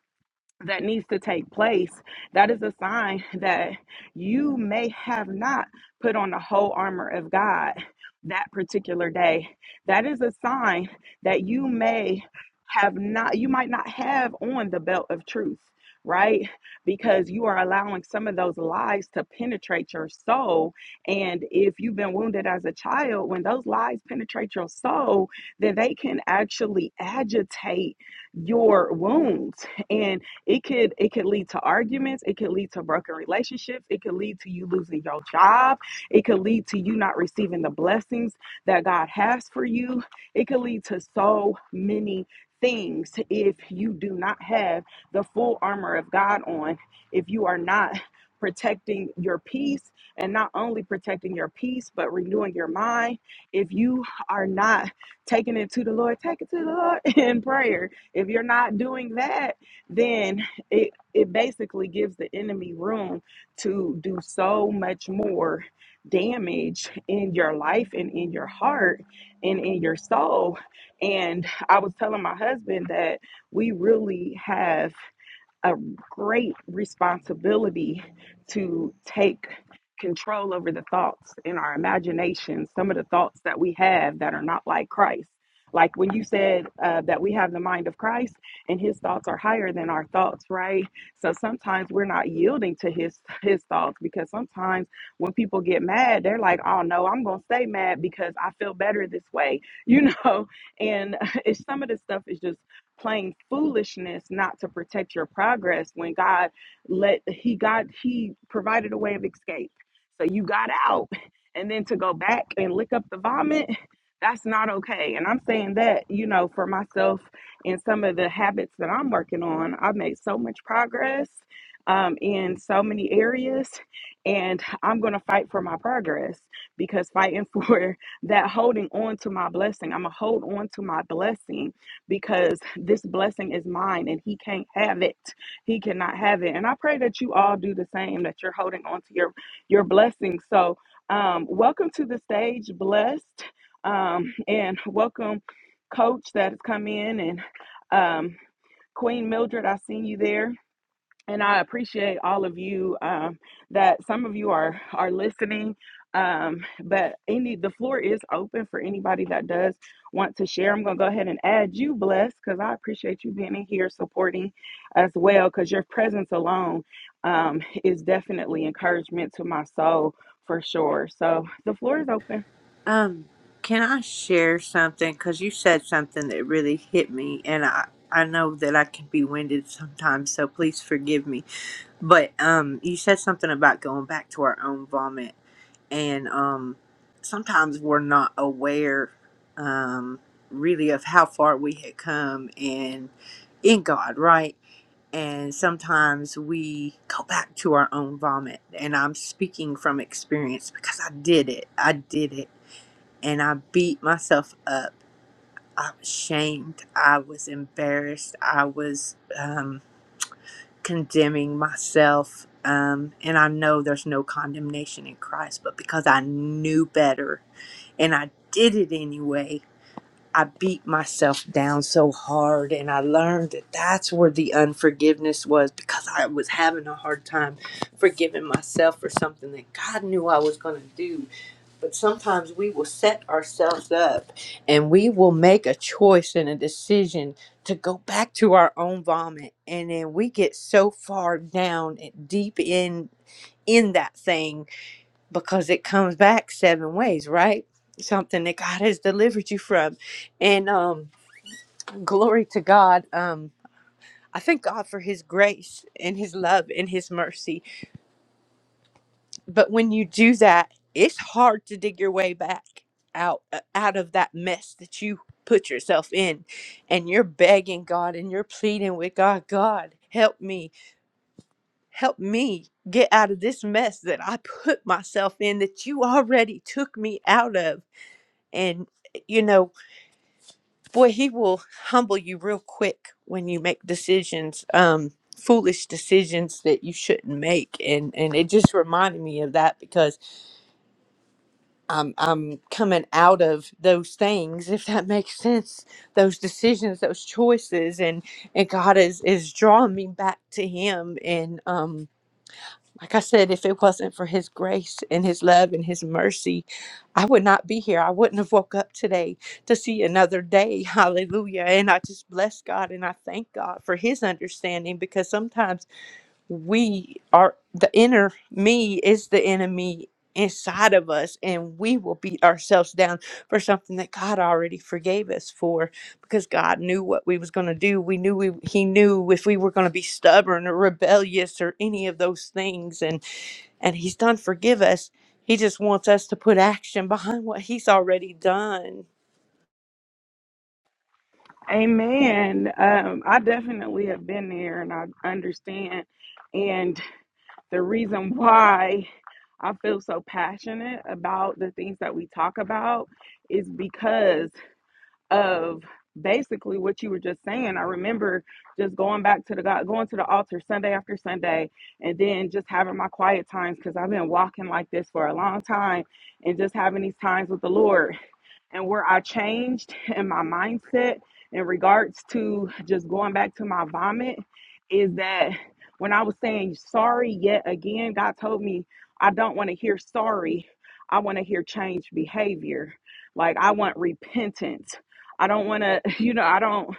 that needs to take place, that is a sign that you may have not put on the whole armor of God that particular day. That is a sign that you may have not, you might not have on the belt of truth, right? Because you are allowing some of those lies to penetrate your soul. And if you've been wounded as a child, when those lies penetrate your soul, then they can actually agitate your wounds. And it could it could lead to arguments it could lead to broken relationships it could lead to you losing your job it could lead to you not receiving the blessings that god has for you it could lead to so many things if you do not have the full armor of god on if you are not protecting your peace and not only protecting your peace but renewing your mind if you are not taking it to the lord take it to the lord in prayer if you're not doing that then it it basically gives the enemy room to do so much more damage in your life and in your heart and in your soul and i was telling my husband that we really have a great responsibility to take control over the thoughts in our imagination, some of the thoughts that we have that are not like Christ. Like when you said uh, that we have the mind of Christ and his thoughts are higher than our thoughts, right? So sometimes we're not yielding to his his thoughts because sometimes when people get mad, they're like, "Oh no, I'm going to stay mad because I feel better this way." You know, and it's some of this stuff is just playing foolishness not to protect your progress when God let he got he provided a way of escape. So you got out and then to go back and lick up the vomit, that's not okay. And I'm saying that, you know, for myself and some of the habits that I'm working on, I've made so much progress um, in so many areas, and I'm going to fight for my progress because fighting for that holding on to my blessing, I'm going to hold on to my blessing because this blessing is mine and he can't have it. He cannot have it. And I pray that you all do the same, that you're holding on to your your blessing. So um welcome to the stage, blessed. Um and welcome coach that has come in and um Queen Mildred, I seen you there and I appreciate all of you um, that some of you are are listening. Um, but any the floor is open for anybody that does want to share. I'm gonna go ahead and add you, blessed, because I appreciate you being in here supporting as well. Because your presence alone um, is definitely encouragement to my soul for sure. So the floor is open. Um, can I share something? Because you said something that really hit me, and I I know that I can be winded sometimes, so please forgive me. But um, you said something about going back to our own vomit, and um, sometimes we're not aware, um, really of how far we had come and in God, right? And sometimes we go back to our own vomit, and I'm speaking from experience because I did it. I did it and I beat myself up. i was shamed. I was embarrassed. I was um, condemning myself. Um, and I know there's no condemnation in Christ, but because I knew better and I did it anyway, I beat myself down so hard. And I learned that that's where the unforgiveness was because I was having a hard time forgiving myself for something that God knew I was going to do but sometimes we will set ourselves up and we will make a choice and a decision to go back to our own vomit. And then we get so far down and deep in in that thing because it comes back seven ways, right? Something that God has delivered you from. And um glory to God. Um I thank God for his grace and his love and his mercy But when you do that, it's hard to dig your way back out uh, out of that mess that you put yourself in and you're begging God and you're pleading with God, God, help me. Help me get out of this mess that I put myself in that you already took me out of. And eh, you know, boy, he will humble you real quick when you make decisions um foolish decisions that you shouldn't make and and it just reminded me of that because I'm I'm coming out of those things, if that makes sense. Those decisions, those choices, and and God is is drawing me back to Him. And um, like I said, if it wasn't for His grace and His love and His mercy, I would not be here. I wouldn't have woke up today to see another day. Hallelujah! And I just bless God and I thank God for His understanding because sometimes we are the inner me is the enemy inside of us and we will beat ourselves down for something that God already forgave us for because God knew what we was going to do we knew we he knew if we were going to be stubborn or rebellious or any of those things and and he's done forgive us he just wants us to put action behind what he's already done Amen. Um, I definitely have been there, and I understand. and. the reason why I feel so passionate about the things that we talk about is because of basically what you were just saying. I remember just going back to the God, going to the altar Sunday after Sunday, and then just having my quiet times because I've been walking like this for a long time and just having these times with the Lord and where I changed in my mindset in regards to just going back to my vomit is that when I was saying sorry yet again, God told me, I don't want to hear sorry. I want to hear changed behavior. Like I want repentance. I don't want to, you know, I don't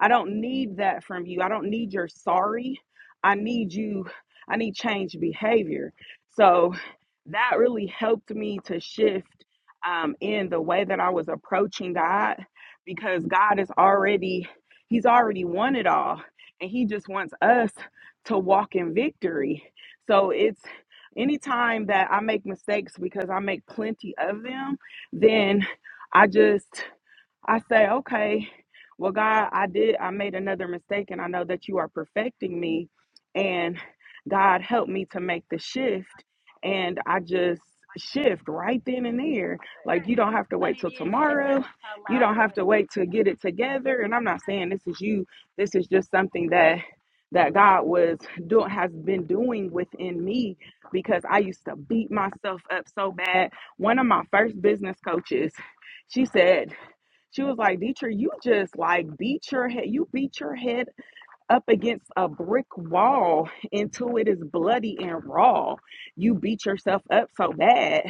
I don't need that from you. I don't need your sorry. I need you I need changed behavior. So that really helped me to shift um, in the way that I was approaching God because God is already, He's already won it all. And He just wants us to walk in victory. So it's anytime that I make mistakes because I make plenty of them, then I just I say, okay, well, God, I did, I made another mistake, and I know that you are perfecting me. And God help me to make the shift. And I just shift right then and there. Like, you don't have to wait till tomorrow. You don't have to wait to get it together. And I'm not saying this is you, this is just something that. That God was doing has been doing within me because I used to beat myself up so bad. One of my first business coaches, she said, she was like, Dietrich, you just like beat your head, you beat your head up against a brick wall until it is bloody and raw. You beat yourself up so bad.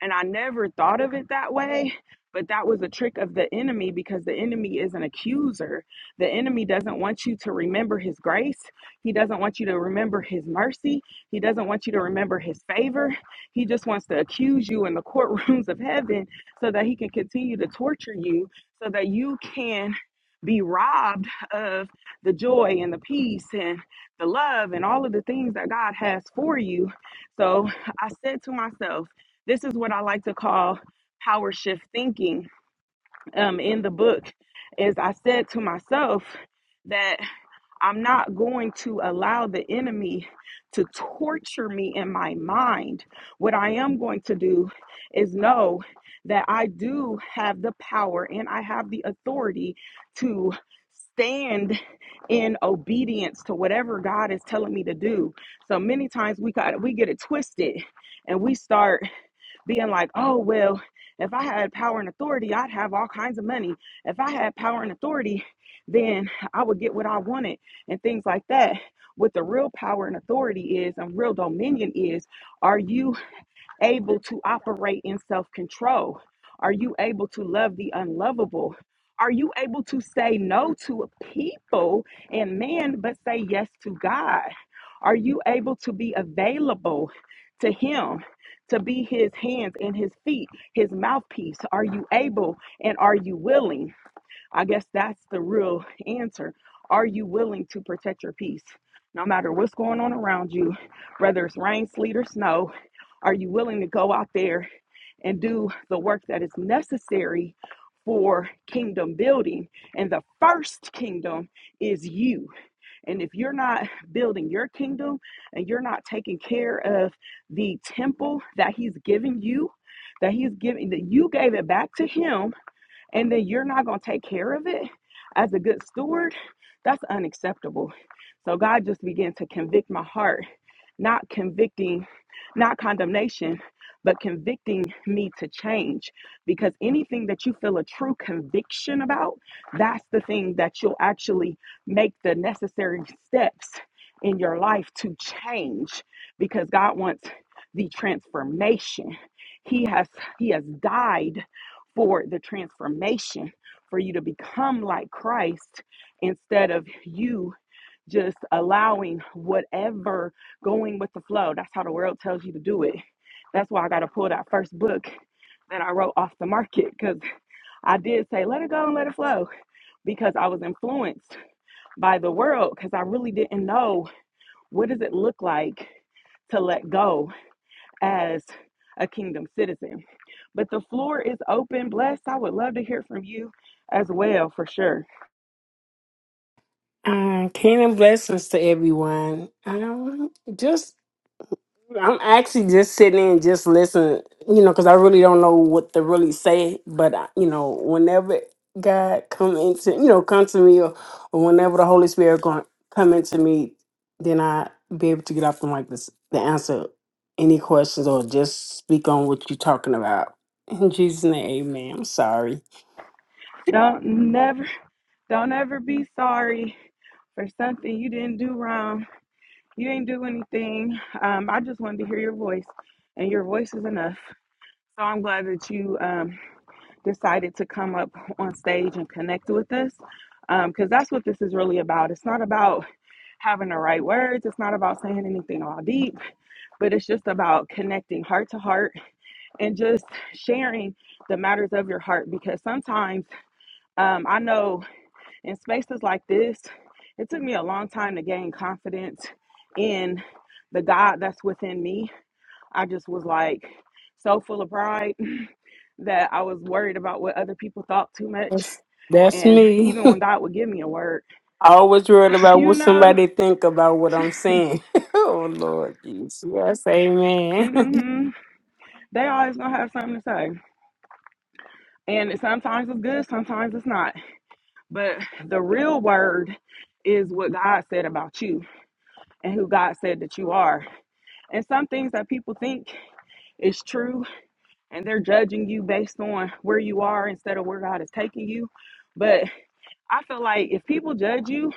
And I never thought of it that way, but that was a trick of the enemy because the enemy is an accuser. The enemy doesn't want you to remember his grace, he doesn't want you to remember his mercy, he doesn't want you to remember his favor. He just wants to accuse you in the courtrooms of heaven so that he can continue to torture you so that you can be robbed of the joy and the peace and the love and all of the things that God has for you. So I said to myself, this is what I like to call power shift thinking um, in the book is I said to myself, that. I'm not going to allow the enemy to torture me in my mind. What I am going to do is know that I do have the power and I have the authority to stand in obedience to whatever God is telling me to do. So many times we got we get it twisted and we start being like, oh, well, if I had power and authority, I'd have all kinds of money. If I had power and authority, then I would get what I wanted and things like that. What the real power and authority is and real dominion is, are you able to operate in self control? Are you able to love the unlovable? Are you able to say no to people and men, but say yes to God? Are you able to be available to Him, to be His hands and His feet, His mouthpiece? Are you able and are you willing? I guess that's the real answer. Are you willing to protect your peace? No matter what's going on around you, whether it's rain, sleet, or snow, are you willing to go out there and do the work that is necessary for kingdom building? And the first kingdom is you. And if you're not building your kingdom and you're not taking care of the temple that He's given you, that He's giving, that you gave it back to Him and then you're not going to take care of it as a good steward, that's unacceptable. So God just began to convict my heart not convicting, not condemnation, but convicting me to change. Because anything that you feel a true conviction about, that's the thing that you'll actually make the necessary steps in your life to change. Because God wants the transformation. He has He has died for the transformation for you to become like Christ instead of you just allowing whatever going with the flow. That's how the world tells you to do it. That's why I got to pull that first book that I wrote off the market because I did say, let it go and let it flow because I was influenced by the world because I really didn't know what does it look like to let go as a kingdom citizen. But the floor is open, blessed. I would love to hear from you as well for sure. Uh, kingdom blessings to everyone. Um, just I'm actually just sitting and just listening, you know, because I really don't know what to really say. But uh, you know, whenever God come into, you know, come to me, or, or whenever the Holy Spirit going come into me, then I be able to get off the mic to, s- to answer any questions or just speak on what you're talking about. In Jesus' name, Amen. I'm sorry. Don't never don't ever be sorry for something you didn't do wrong. You didn't do anything. Um, I just wanted to hear your voice, and your voice is enough. So I'm glad that you um, decided to come up on stage and connect with us because um, that's what this is really about. It's not about having the right words, it's not about saying anything all deep, but it's just about connecting heart to heart and just sharing the matters of your heart because sometimes um, I know. In spaces like this, it took me a long time to gain confidence in the God that's within me. I just was like so full of pride that I was worried about what other people thought too much. That's that's And me. even when God would give me a word, I always worried about you what know, somebody think about what I'm saying. oh Lord Jesus. Yes, amen. hmm they always gonna have something to say. And sometimes it's good, sometimes it's not. But the real word is what God said about you and who God said that you are. And some things that people think is true and they're judging you based on where you are instead of where God is taking you. But I feel like if people judge you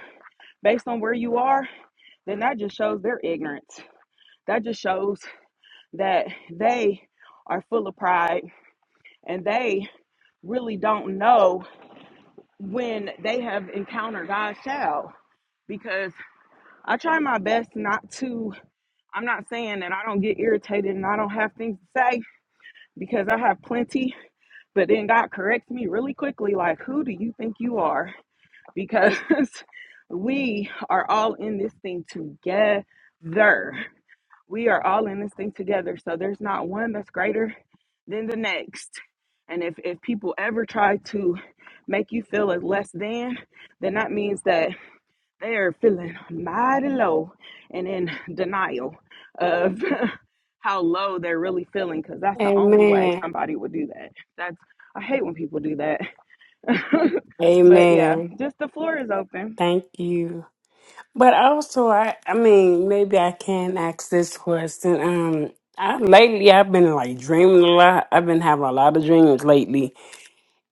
based on where you are, then that just shows their ignorance. That just shows that they are full of pride and they really don't know when they have encountered God's child. Because I try my best not to, I'm not saying that I don't get irritated and I don't have things to say because I have plenty But then God corrects me really quickly, like, who do you think you are? Because we are all in this thing together. We are all in this thing together. So there's not one that's greater than the next. And if, if people ever try to make you feel as less than, then that means that they're feeling mighty low and in denial of how low they're really feeling because that's the only way amen. somebody would do that. That's I hate when people do that. but yeah, Amen. just the floor is open. Thank you. But also I I mean, maybe I can ask this question. Um I lately I've been like dreaming a lot. I've been having a lot of dreams lately.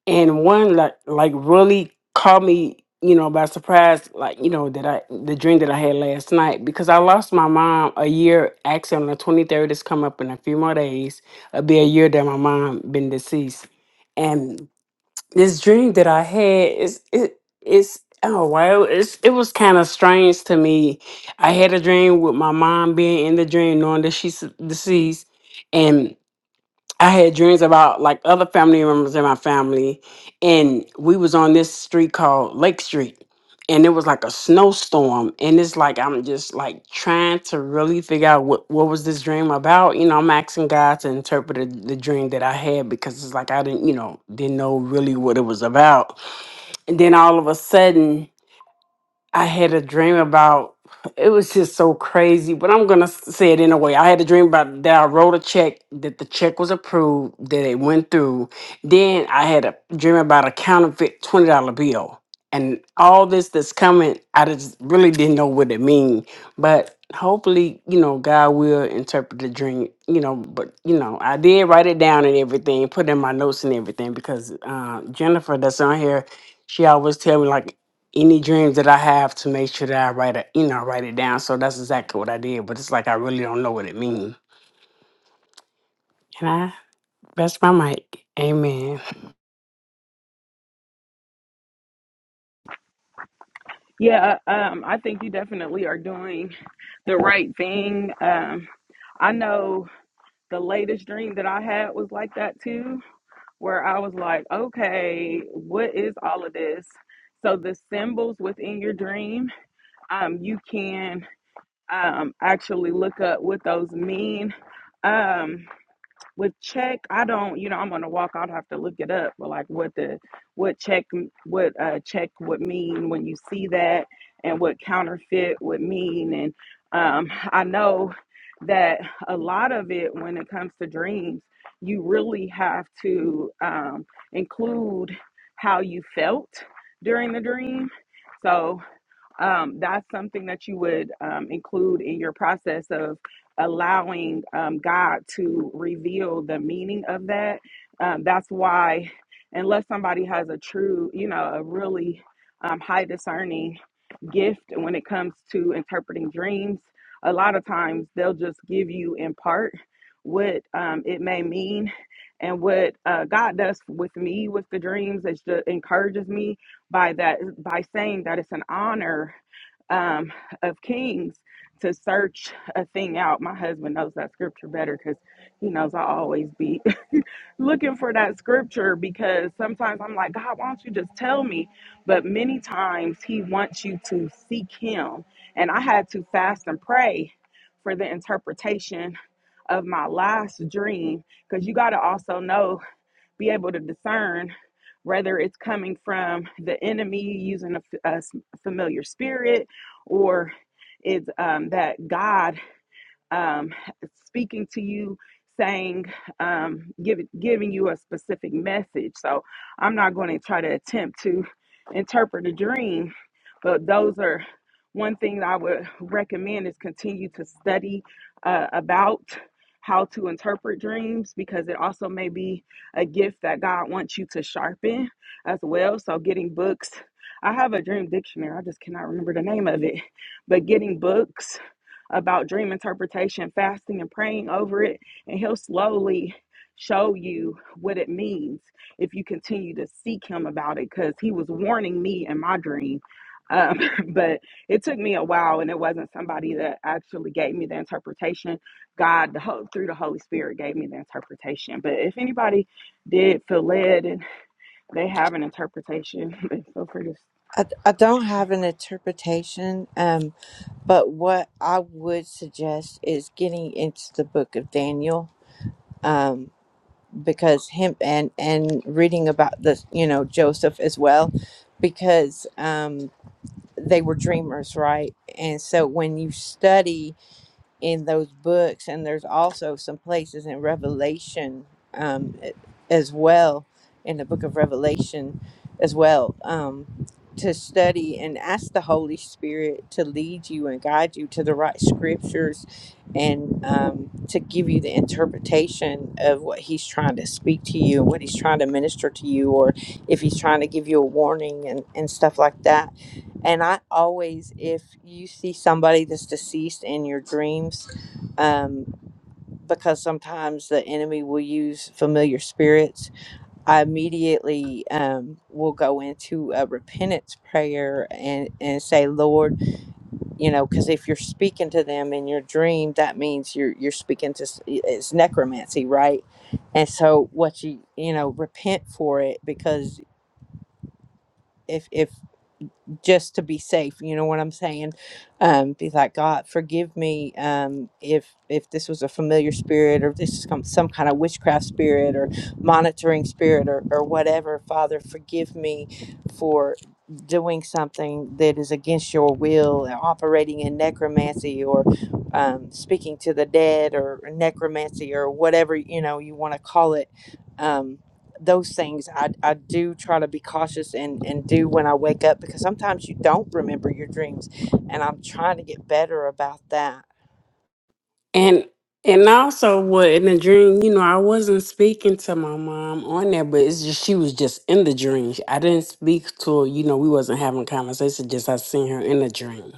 and one like like really caught me you know by surprise like you know that i the dream that i had last night because i lost my mom a year actually on the 23rd it's come up in a few more days it'll be a year that my mom been deceased and this dream that i had is it it's oh wow it's, it was kind of strange to me i had a dream with my mom being in the dream knowing that she's deceased I had dreams about like other family members in my family, and we was on this street called Lake Street, and it was like a snowstorm, and it's like I'm just like trying to really figure out what what was this dream about. You know, I'm asking God to interpret the the dream that I had because it's like I didn't, you know, didn't know really what it was about. And then all of a sudden. I had a dream about it was just so crazy, but I'm gonna s- say it in a way. I had a dream about that I wrote a check, that the check was approved, that it went through. Then I had a dream about a counterfeit twenty dollar bill. And all this that's coming, I just really didn't know what it mean. But hopefully, you know, God will interpret the dream, you know, but you know, I did write it down and everything, put in my notes and everything because uh Jennifer that's on here she always tell me like any dreams that I have to make sure that I write it, you know, write it down. So that's exactly what I did. But it's like I really don't know what it means. And I that's my mic. Amen. Yeah, uh, um, I think you definitely are doing the right thing. Um, I know the latest dream that I had was like that too, where I was like, okay, what is all of this? So the symbols within your dream um, you can um, actually look up what those mean. Um, with check, I don't, you know, I'm on a walk. I'd have to look it up, but like what the what check what uh, check would mean when you see that, and what counterfeit would mean. And um, I know that a lot of it, when it comes to dreams, you really have to um, include how you felt during the dream. So um, that's something that you would um, include in your process of allowing um, God to reveal the meaning of that. Um, that's why, unless somebody has a true, you know, a really um, high discerning gift when it comes to interpreting dreams, a lot of times they'll just give you in part what um, it may mean. And what uh, God does with me with the dreams is just encourages me by that by saying that it's an honor um, of kings to search a thing out. My husband knows that scripture better because he knows I always be looking for that scripture because sometimes I'm like, God, why don't you just tell me? But many times he wants you to seek him. And I had to fast and pray for the interpretation of my last dream because you got to also know be able to discern whether it's coming from the enemy using a, f- a s- familiar spirit or it's um, that God um, speaking to you, saying, um, give, giving you a specific message. So I'm not going to try to attempt to interpret a dream, but those are one thing that I would recommend is continue to study uh, about how to interpret dreams because it also may be a gift that God wants you to sharpen as well. So getting books. I have a dream dictionary. I just cannot remember the name of it. But getting books about dream interpretation, fasting and praying over it, and he'll slowly show you what it means if you continue to seek him about it because he was warning me in my dream. Um, but it took me a while, and it wasn't somebody that actually gave me the interpretation. God, the whole, through the Holy Spirit, gave me the interpretation. But if anybody did feel led and they have an interpretation, feel free to I, I don't have an interpretation, um, but what I would suggest is getting into the book of Daniel, um, because him and and reading about the you know Joseph as well, because um, they were dreamers, right? And so when you study in those books and there's also some places in revelation um, as well in the book of revelation as well um, to study and ask the holy spirit to lead you and guide you to the right scriptures and um, to give you the interpretation of what he's trying to speak to you what he's trying to minister to you or if he's trying to give you a warning and, and stuff like that and I always, if you see somebody that's deceased in your dreams, um, because sometimes the enemy will use familiar spirits, I immediately um, will go into a repentance prayer and, and say, Lord, you know, because if you're speaking to them in your dream, that means you're you're speaking to s- it's necromancy, right? And so, what you you know, repent for it because. If, if just to be safe you know what i'm saying um be like god forgive me um if if this was a familiar spirit or if this is some, some kind of witchcraft spirit or monitoring spirit or, or whatever father forgive me for doing something that is against your will and operating in necromancy or um, speaking to the dead or necromancy or whatever you know you want to call it um those things I, I do try to be cautious and, and do when I wake up because sometimes you don't remember your dreams and I'm trying to get better about that. And and also what in the dream, you know, I wasn't speaking to my mom on there, but it's just she was just in the dream. I didn't speak to her, you know, we wasn't having conversation, just I seen her in the dream.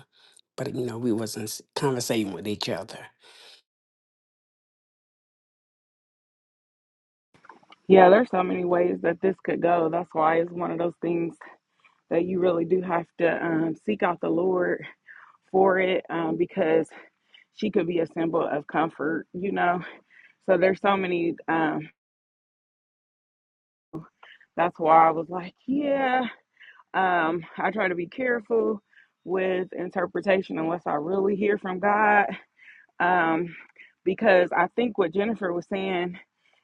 But you know, we wasn't s- conversating with each other. yeah, there's so many ways that this could go. That's why it's one of those things that you really do have to um, seek out the Lord for it um, because she could be a symbol of comfort, you know. So there's so many. Um, that's why I was like, yeah, um, I try to be careful with interpretation unless I really hear from God. Um, because I think what Jennifer was saying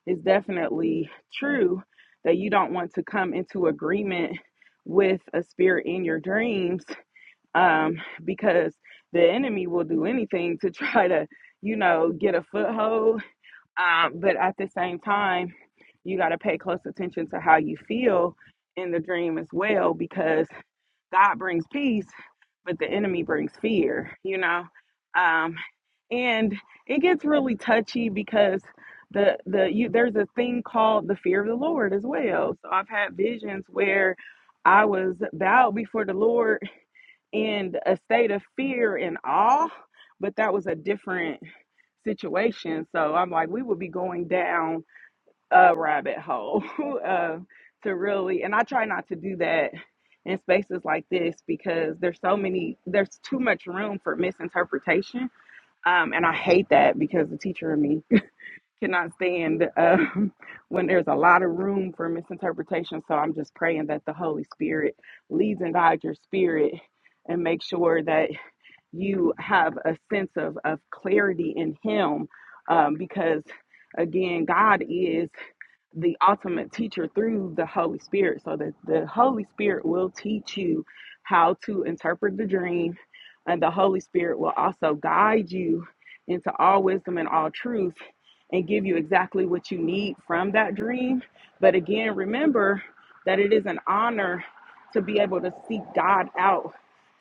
is definitely true that you don't want to come into agreement with a spirit in your dreams um, because the enemy will do anything to try to, you know, get a foothold. Um, but at the same time, you got to pay close attention to how you feel in the dream as well, because God brings peace, but the enemy brings fear, you know. Um, and it gets really touchy because the the you there's a thing called the fear of the Lord as well. So I've had visions where I was bowed before the Lord in a state of fear and awe, but that was a different situation. So I'm like, we would be going down a rabbit hole uh, to really, and I try not to do that in spaces like this because there's so many, there's too much room for misinterpretation. Um, and I hate that because the teacher in me cannot stand uh, when there's a lot of room for misinterpretation. So I'm just praying that the Holy Spirit leads and guides your spirit and make sure that you have a sense of, of clarity in Him um, because, again, God is the ultimate teacher through the Holy Spirit. So that the Holy Spirit will teach you how to interpret the dream, and the Holy Spirit will also guide you into all wisdom and all truth and give you exactly what you need from that dream. But again, remember that it is an honor to be able to seek God out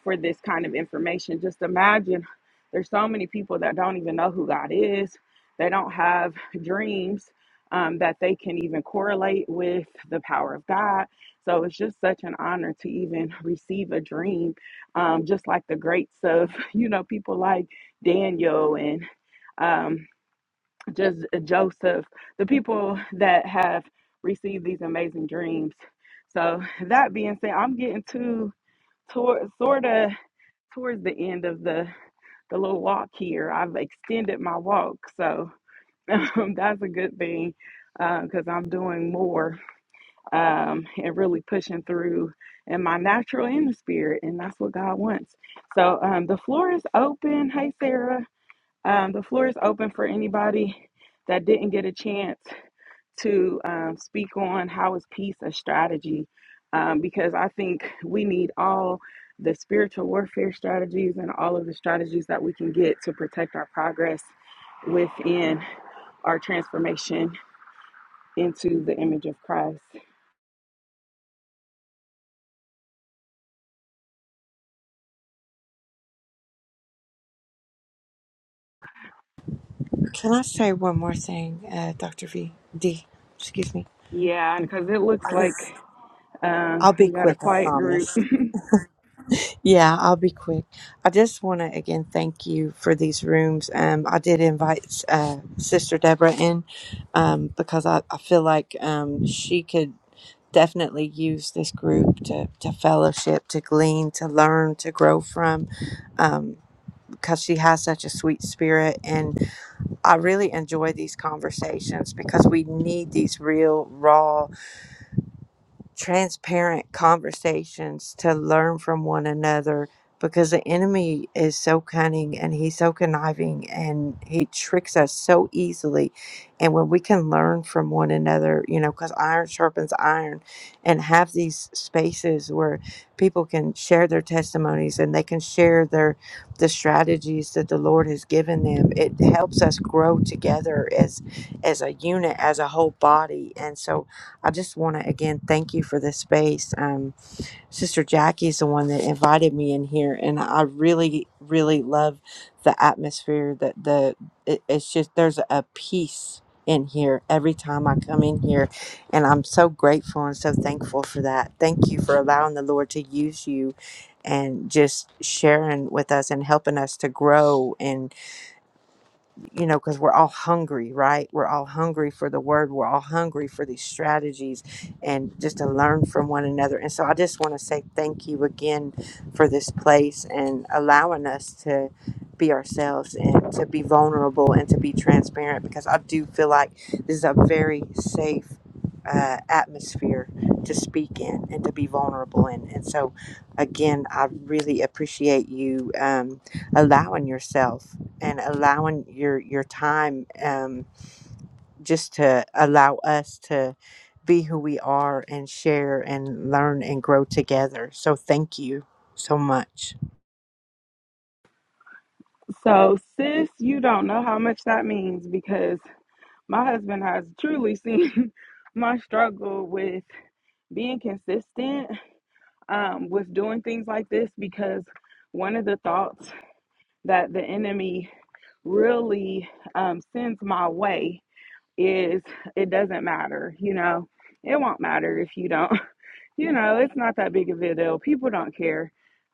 for this kind of information. Just imagine there's so many people that don't even know who God is. They don't have dreams um, that they can even correlate with the power of God. So it's just such an honor to even receive a dream, um, just like the greats of, you know, people like Daniel and um, just uh, Joseph, the people that have received these amazing dreams. So that being said, I'm getting to toward, sort of towards the end of the the little walk here. I've extended my walk, so that's a good thing because I'm doing more um, and really pushing through in my natural and the spirit, and that's what God wants. So um, the floor is open. Hey, Sarah. Um, the floor is open for anybody that didn't get a chance to um, speak on how is peace a strategy um, because I think we need all the spiritual warfare strategies and all of the strategies that we can get to protect our progress within our transformation into the image of Christ. Can I say one more thing, uh, Dr. V? D, excuse me. Yeah, and because it I looks like just- uh, I'll be we got a quick, I quiet group. promise. Yeah, I'll be quick. I just want to again thank you for these rooms. Um, I did invite uh, Sister Deborah in um, because I, I feel like um, she could. definitely use this group to, to fellowship, to glean, to learn, to grow from, um, because she has such a sweet spirit. And I really enjoy these conversations because we need these real, raw, transparent conversations to learn from one another because the enemy is so cunning and he's so conniving and he tricks us so easily and when we can learn from one another you know because iron sharpens iron and have these spaces where people can share their testimonies and they can share their the strategies that the lord has given them it helps us grow together as as a unit as a whole body and so I just want to again thank you for this space. Um, Sister Jackie is the one that invited me in here, and I really, really love the atmosphere. That the it, it's just there's a peace in here every time I come in here, and I'm so grateful and so thankful for that. Thank you for allowing the Lord to use you, and just sharing with us and helping us to grow you know, because we're all hungry, right? We're all hungry for the word. We're all hungry for these strategies and just to learn from one another. And so I just want to say thank you again for this place and allowing us to be ourselves and to be vulnerable and to be transparent because I do feel like this is a very safe. Uh, atmosphere to speak in and to be vulnerable in. And so, again, I really appreciate you um, allowing yourself and allowing your your time um just to allow us to be who we are and share and learn and grow together so thank you so much So, sis, you don't know how much that means because my husband has truly seen my struggle with being consistent um, with doing things like this because one of the thoughts that the enemy really um, sends my way is it doesn't matter, you know, it won't matter if you don't. you know, it's not that big of a deal. People don't care,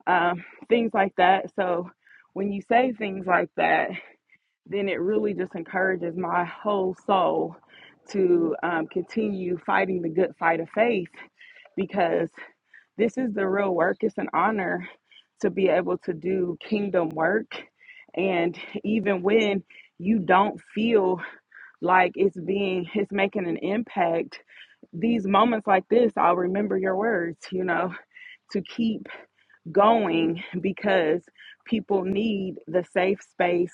um, things like that. So when you say things like that, then it really just encourages my whole soul to um, continue fighting the good fight of faith because this is the real work. It's an honor to be able to do kingdom work. And even when you don't feel like it's being, it's making an impact, these moments like this, I'll remember your words, you know to keep going because people need the safe space.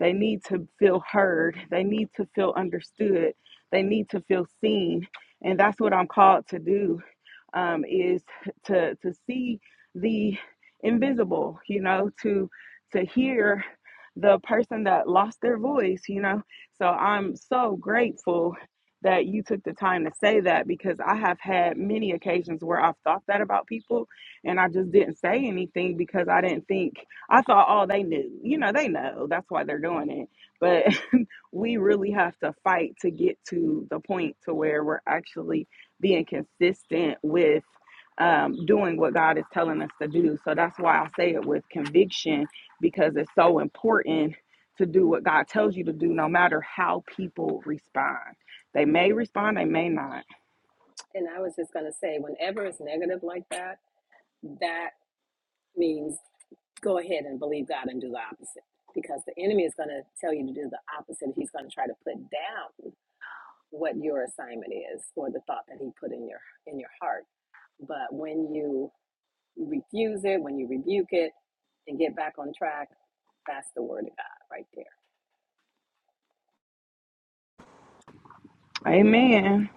They need to feel heard. They need to feel understood. They need to feel seen. And that's what I'm called to do um, is to to see the invisible, you know, to to hear the person that lost their voice, you know. So I'm so grateful that you took the time to say that because I have had many occasions where I've thought that about people and I just didn't say anything because I didn't think I thought, oh, they knew, you know, they know that's why they're doing it. But we really have to fight to get to the point to where we're actually being consistent with um, doing what God is telling us to do. So that's why I say it with conviction because it's so important to do what God tells you to do, no matter how people respond. They may respond, they may not. And I was, that means go ahead and believe God and do the opposite because the enemy is going to tell you to do the opposite. He's going to try to put down. what your assignment is or the thought that he put in your in your heart. But when you retook and get back on track, fast Amen.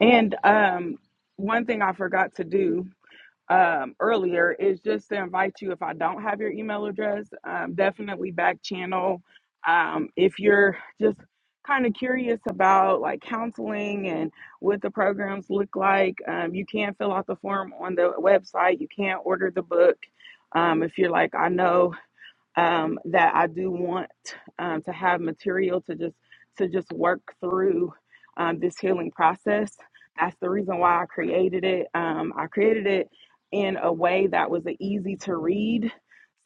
And um, one thing I forgot to do um, earlier is just to invite you if I don't have your email address, um, definitely back channel. Um, if you're just kind of curious about like counseling and what the programs look like, um, you can fill out the form on the website. You can order the book. Um, if you're like, I know um, that I do want um, to have material to just to just work through um, this healing process. That's the reason why I created it. Um, I created it in a way that was easy to read,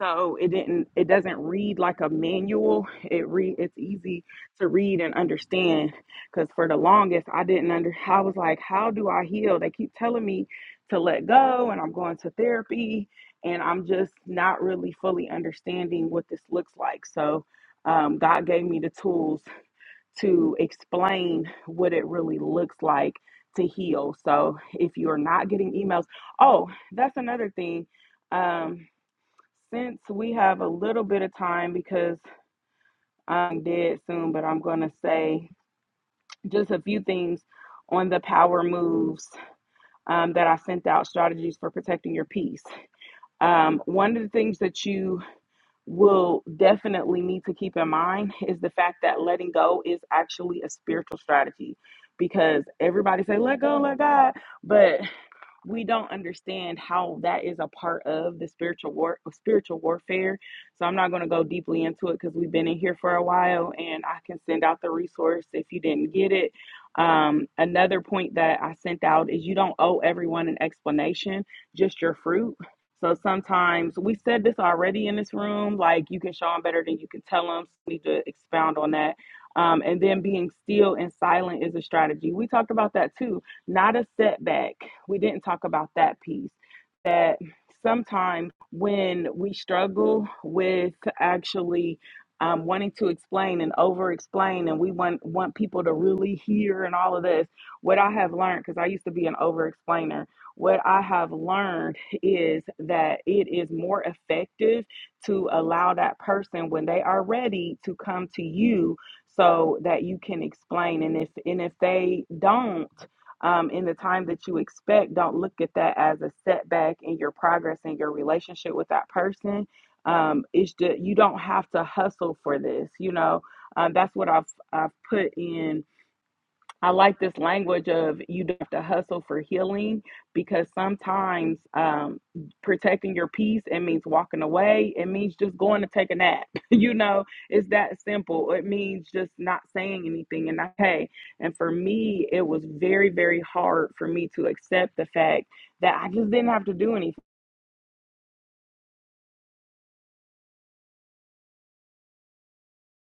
so it didn't it doesn't read like a manual. It read it's easy to read and understand. Because for the longest, I didn't under I was like, how do I heal? They keep telling me to let go, and I'm going to therapy, and I'm just not really fully understanding what this looks like. So, um, God gave me the tools to explain what it really looks like to heal. So, if you're not getting emails, oh, that's another thing. Um, since we have a little bit of time because I'm dead soon, but I'm going to say just a few things on the power moves um, that I sent out strategies for protecting your peace. Um, one of the things that you will definitely need to keep in mind is the fact that letting go is actually a spiritual strategy because everybody say let go let god but we don't understand how that is a part of the spiritual war spiritual warfare. So I'm not going to go deeply into it because we've been in here for a while, and I can send out the resource if you didn't get it. Um, another point that I sent out is you don't owe everyone an explanation, just your fruit. So sometimes we said this already in this room, like you can show them better than you can tell them. So we need to expound on that. Um, and then being still and silent is a strategy. We talked about that too not a setback. We didn't talk about that piece. That sometimes when we struggle with actually um, wanting to explain and over explain, and we want, want people to really hear and all of this, what I have learned, because I used to be an over explainer, what I have learned is that it is more effective to allow that person when they are ready to come to you so that you can explain. And if, and if they don't, um, in the time that you expect. Don't look at that as a setback in your progress and your relationship with that person. Um, it's just, you don't have to hustle for this. You know, um, that's what I've I've put in I like this language of you don't have to hustle for healing because sometimes um, protecting your peace it means walking away. It means just going to take a nap. you know, it's that simple. It means just not saying anything and not hey. And for me, it was very very hard for me to accept the fact that I just didn't have to do anything.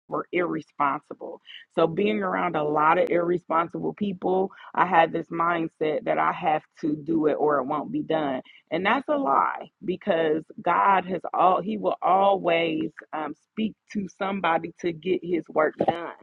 were irresponsible. So being around a lot of irresponsible people, I had this mindset that I have to do it or it won't be done. And that's a lie because God has all he will always um, speak to somebody to get his work done.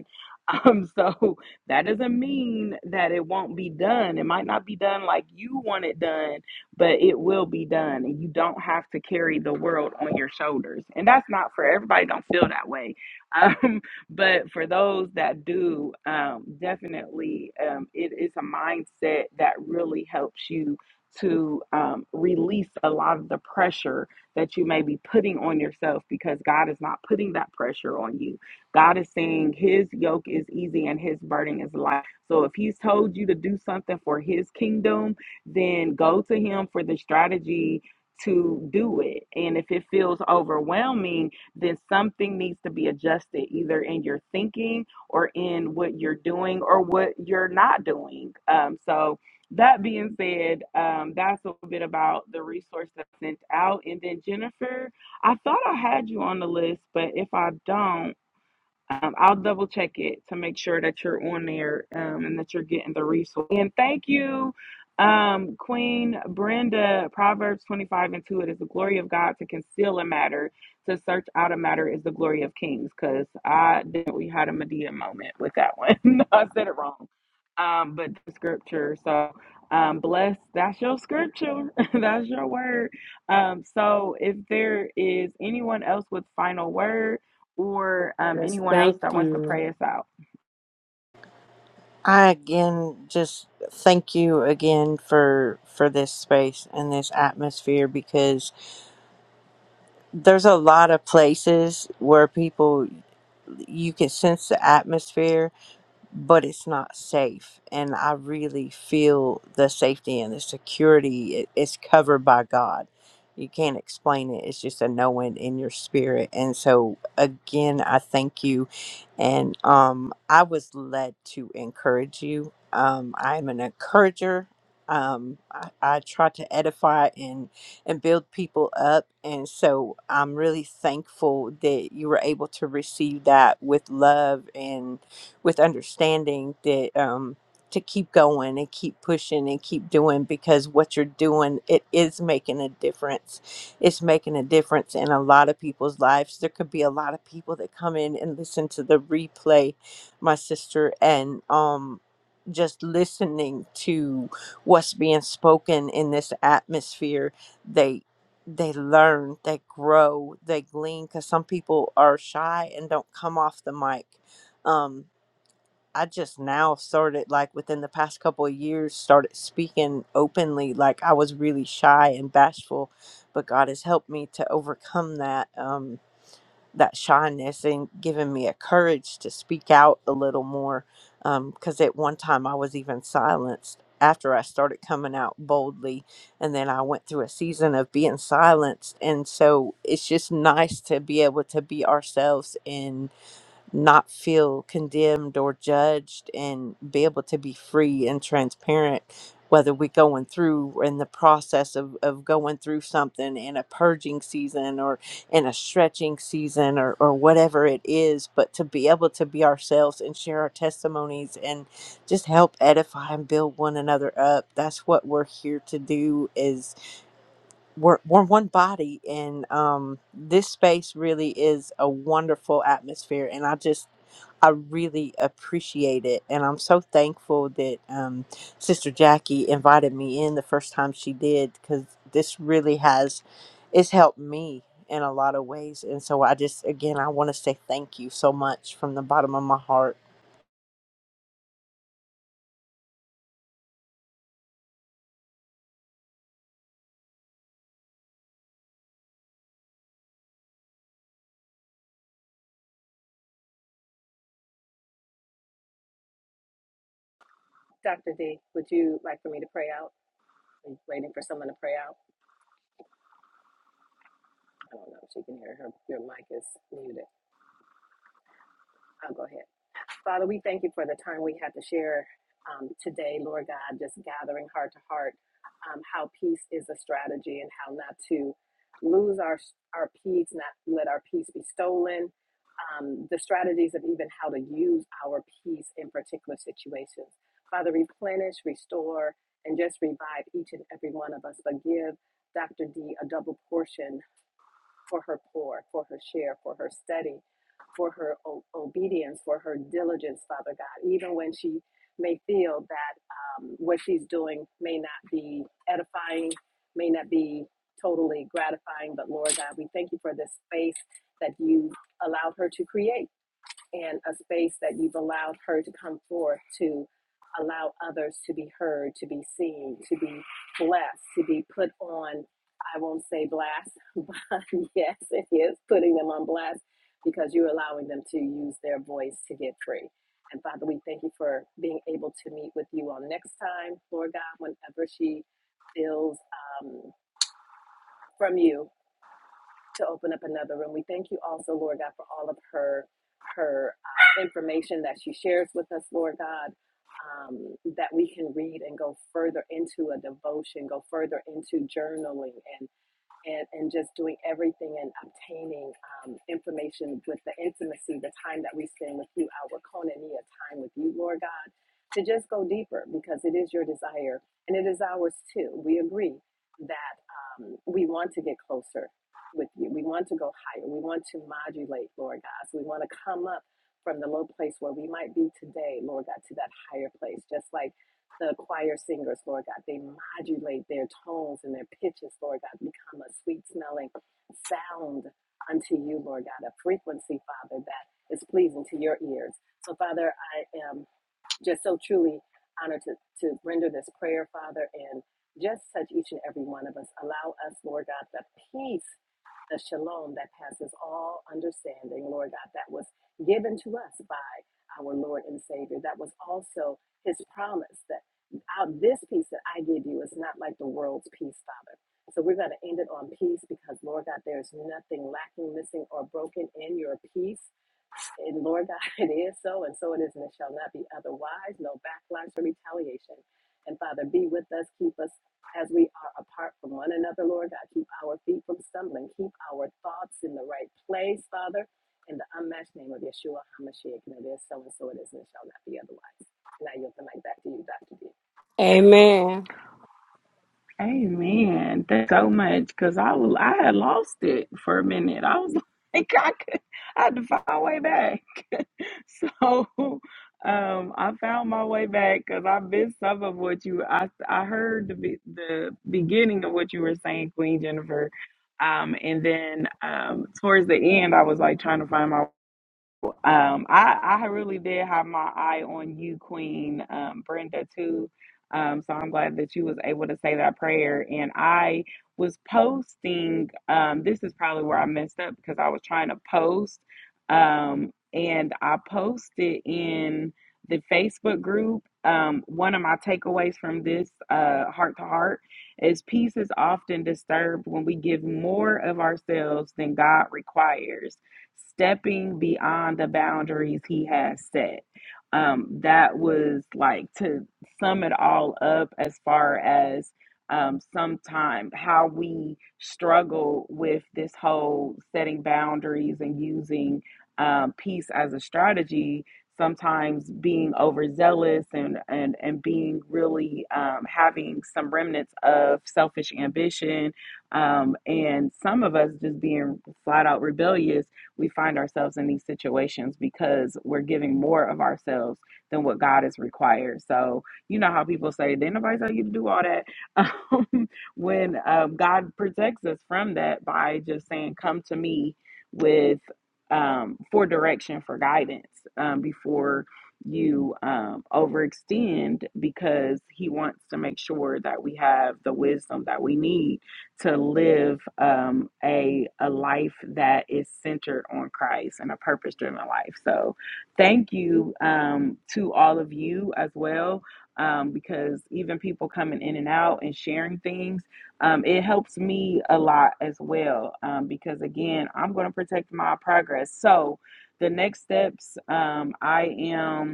Um, so that doesn't mean that it won't be done. It might not be done like you want it done, but it will be done. And you don't have to carry the world on your shoulders. And that's not for everybody don't feel that way Um, but for those that do, um, definitely um, it is a mindset that really helps you to um, release a lot of the pressure that you may be putting on yourself because God is not putting that pressure on you. God is saying His yoke is easy and His burden is light. So if He's told you to do something for His kingdom, then go to Him for the strategy to do it. And if it feels overwhelming, then something needs to be adjusted either in your thinking or in what you're doing or what you're not doing. Um, so, that being said, um, that's a bit about the resource that I sent out. And then, Jennifer, I thought I had you on the list, but if I don't, um, I'll double check it to make sure that you're on there um, and that you're getting the resource. And thank you, um, Queen Brenda. Proverbs 25 and 2 It is the glory of God to conceal a matter, to search out a matter is the glory of kings. Because I didn't, we had a Medea moment with that one. I said it wrong. Um, but the scripture. So um, bless, that's your scripture, that's your word. Um, so if there is anyone else with final word, or um, Yes, anyone else thank that wants to you. pray us out. i again just thank you again for for this space and this atmosphere because there's a lot of places where people you can sense the atmosphere but it's not safe. And I really feel the safety and the security it, it's covered by God. You can't explain it. It's just a knowing in your spirit. And so again, I thank you. And um I was led to encourage you. Um I'm an encourager. Um I, I try to edify and and build people up. And so I'm really thankful that you were able to receive that with love and with understanding that um, to keep going and keep pushing and keep doing because what you're doing it is making a difference it's making a difference in a lot of people's lives there could be a lot of people that come in and listen to the replay my sister and um just listening to what's being spoken in this atmosphere they they learn they grow they glean because some people are shy and don't come off the mic Um, I just now started like within the past couple of years started speaking openly like I was really shy and bashful but God has helped me to overcome that um that shyness and given me a courage to speak out a little more um cuz at one time I was even silenced after I started coming out boldly and then I went through a season of being silenced and so it's just nice to be able to be ourselves and not feel condemned or judged and be able to be free and transparent whether we're going through or in the process of, of going through something in a purging season or in a stretching season or, or whatever it is but to be able to be ourselves and share our testimonies and just help edify and build one another up that's what we're here to do Is we're, we're one body and um this space really is a wonderful atmosphere and i just i really appreciate it and i'm so thankful that um sister jackie invited me in the first time she did because this really has it's helped me in a lot of ways and so i just again i want to say thank you so much from the bottom of my heart your peace. And Lord God, is shall be otherwise. retaliation. Father, are Amen. Amen. Thanks so much because I was, I had lost it for a minute. I was like, I, could, I had to find my way back. So um, I found my way back because I missed some of what you. I I heard the be- the beginning of what you were saying, Queen Jennifer. Um, and then um, towards the end, I was like trying to find my Um, I, I really did have my eye on you, Queen um, Brenda, too. Um, so I'm glad that you was able to say that prayer. And I was posting. Um, this is probably where I messed up because I was trying to post, um, and I posted in the Facebook group. Um, one of my takeaways from this uh, heart to heart is peace is often disturbed when we give more of ourselves than God requires stepping beyond the boundaries he has set. Um, that was like to sum it all up as far as um, sometime how we struggle with this whole setting boundaries and using um, peace as a strategy. Sometimes being overzealous and and and being really um, having some remnants of selfish ambition, um, and some of us just being flat out rebellious we find ourselves in these situations because we're giving more of ourselves than what God is required. So you know how people say, "Didn't nobody tell you to do all that?" Um, when um, God protects us from that by just saying, "Come to me with um, for direction, for guidance um, before." you um, overextend because he wants to make sure that we have the wisdom that we need to live um, a a life that is centered on Christ and a purpose driven life. So, thank you um, to all of you as well, um, because even people coming in and out and sharing things, um, it helps me a lot as well. Um, because again, I'm going to protect my progress. So, the next steps, um, I am.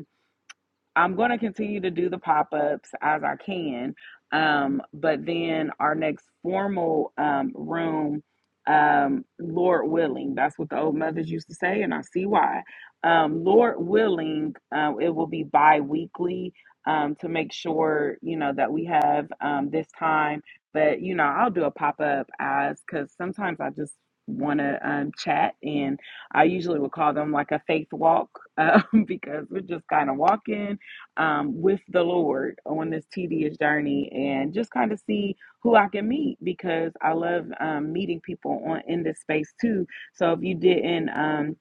I'm going to continue to do the pop ups as I can. Um, but then our next formal um, room, um, Lord willing, that's what the old mothers used to say, and I see why. Um, Lord willing, um, it will be bi weekly um, to make sure, you know, that we have um, this time. But, you know, I'll do a pop up as because sometimes I just want to um, chat and I usually would call them like a faith walk um, because we're just kind of walking um, with the Lord on this tedious journey and just kind of see who I can meet because I love um, meeting people on in this space too. So if you didn't um,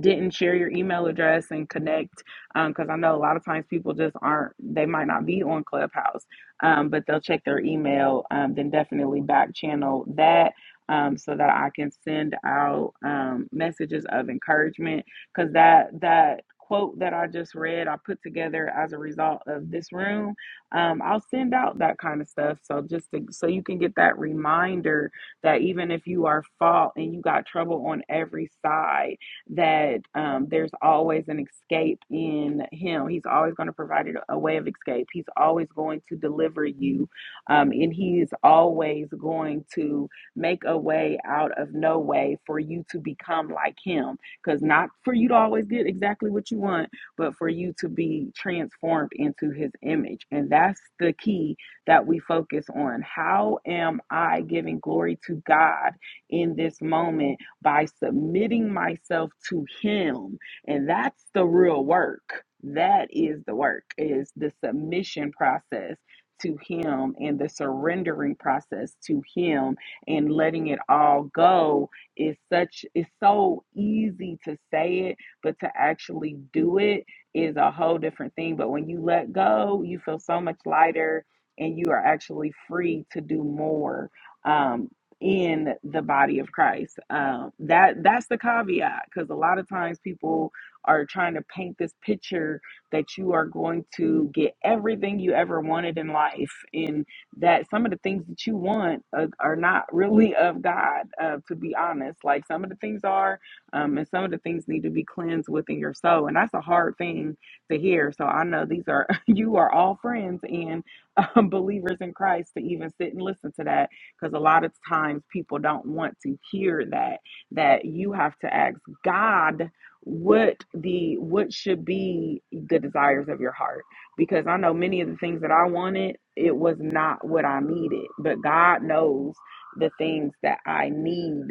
didn't share your email address and connect because um, i know a lot of times people just aren't they might not be on clubhouse um, but they'll check their email um, then definitely back channel that um, so that i can send out um, messages of encouragement because that that quote that i just read i put together as a result of this room um, i'll send out that kind of stuff so just to, so you can get that reminder that even if you are fault and you got trouble on every side that um, there's always an escape in Him. He's always going to provide a way of escape. He's always going to deliver you, um, and He is always going to make a way out of no way for you to become like Him. Because not for you to always get exactly what you want, but for you to be transformed into His image. And that's the key that we focus on. How am I giving glory to God in this moment? by submitting myself to him and that's the real work that is the work is the submission process to him and the surrendering process to him and letting it all go is such it's so easy to say it but to actually do it is a whole different thing but when you let go you feel so much lighter and you are actually free to do more Um, in the body of Christ. Um, that that's the caveat because a lot of times people are trying to paint this picture that you are going to get everything you ever wanted in life, and that some of the things that you want uh, are not really of God. Uh, to be honest, like some of the things are, um, and some of the things need to be cleansed within your soul, and that's a hard thing to hear. So I know these are you are all friends and um, believers in Christ to even sit and listen to that because a lot of times people don't want to hear that that you have to ask God what the what should be the desires of your heart because I know many of the things that I wanted it was not what I needed but God knows the things that I need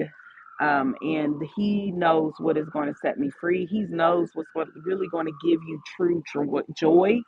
um, and he knows what is going to set me free. He knows what's what really going to give you true jo- joy,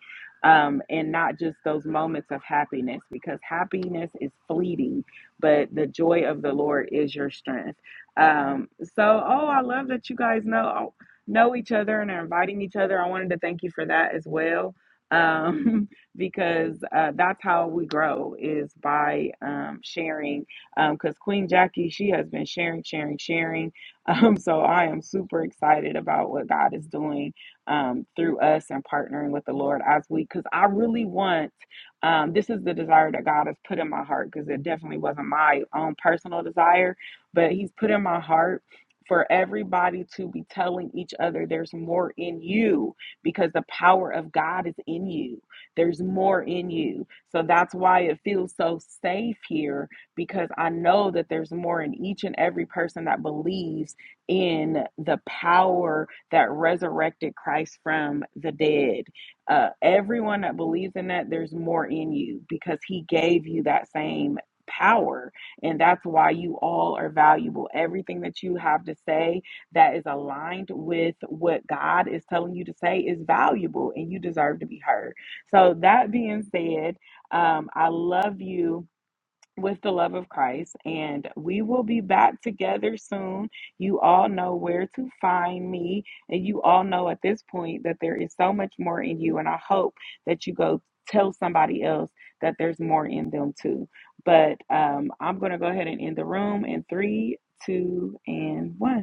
um, and not just those moments of happiness, because happiness is fleeting but the joy of the Lord is your strength. Um, so, oh, I love that you guys know know each other and are inviting each other. I wanted to thank you for that as well, um, because uh, that's how we grow is by um, sharing. Because Queen Jackie, she has been sharing, sharing, sharing. Um, so I am super excited about what God is doing um, through us and partnering with the Lord as we, because I really want. Um, this is the desire that God has put in my heart because it definitely wasn't my own personal desire, but He's put in my heart for everybody to be telling each other there's more in you because the power of God is in you. There's more in you. So that's why it feels so safe here because I know that there's more in each and every person that believes in the power that resurrected Christ from the dead uh, everyone that believes in that, there's more in you because He gave you that same power. And that's why you all are valuable. Everything that you have to say that is aligned with what God is telling you to say is valuable and you deserve to be heard. So, that being said, um, I love you with the love of Christ, and we will be back together soon. You all know where to find me, and you all know at this point that there is so much more in you, and I hope that you go tell somebody else that there's more in them too. But um, I'm going to go ahead and end the room in three, two, and one.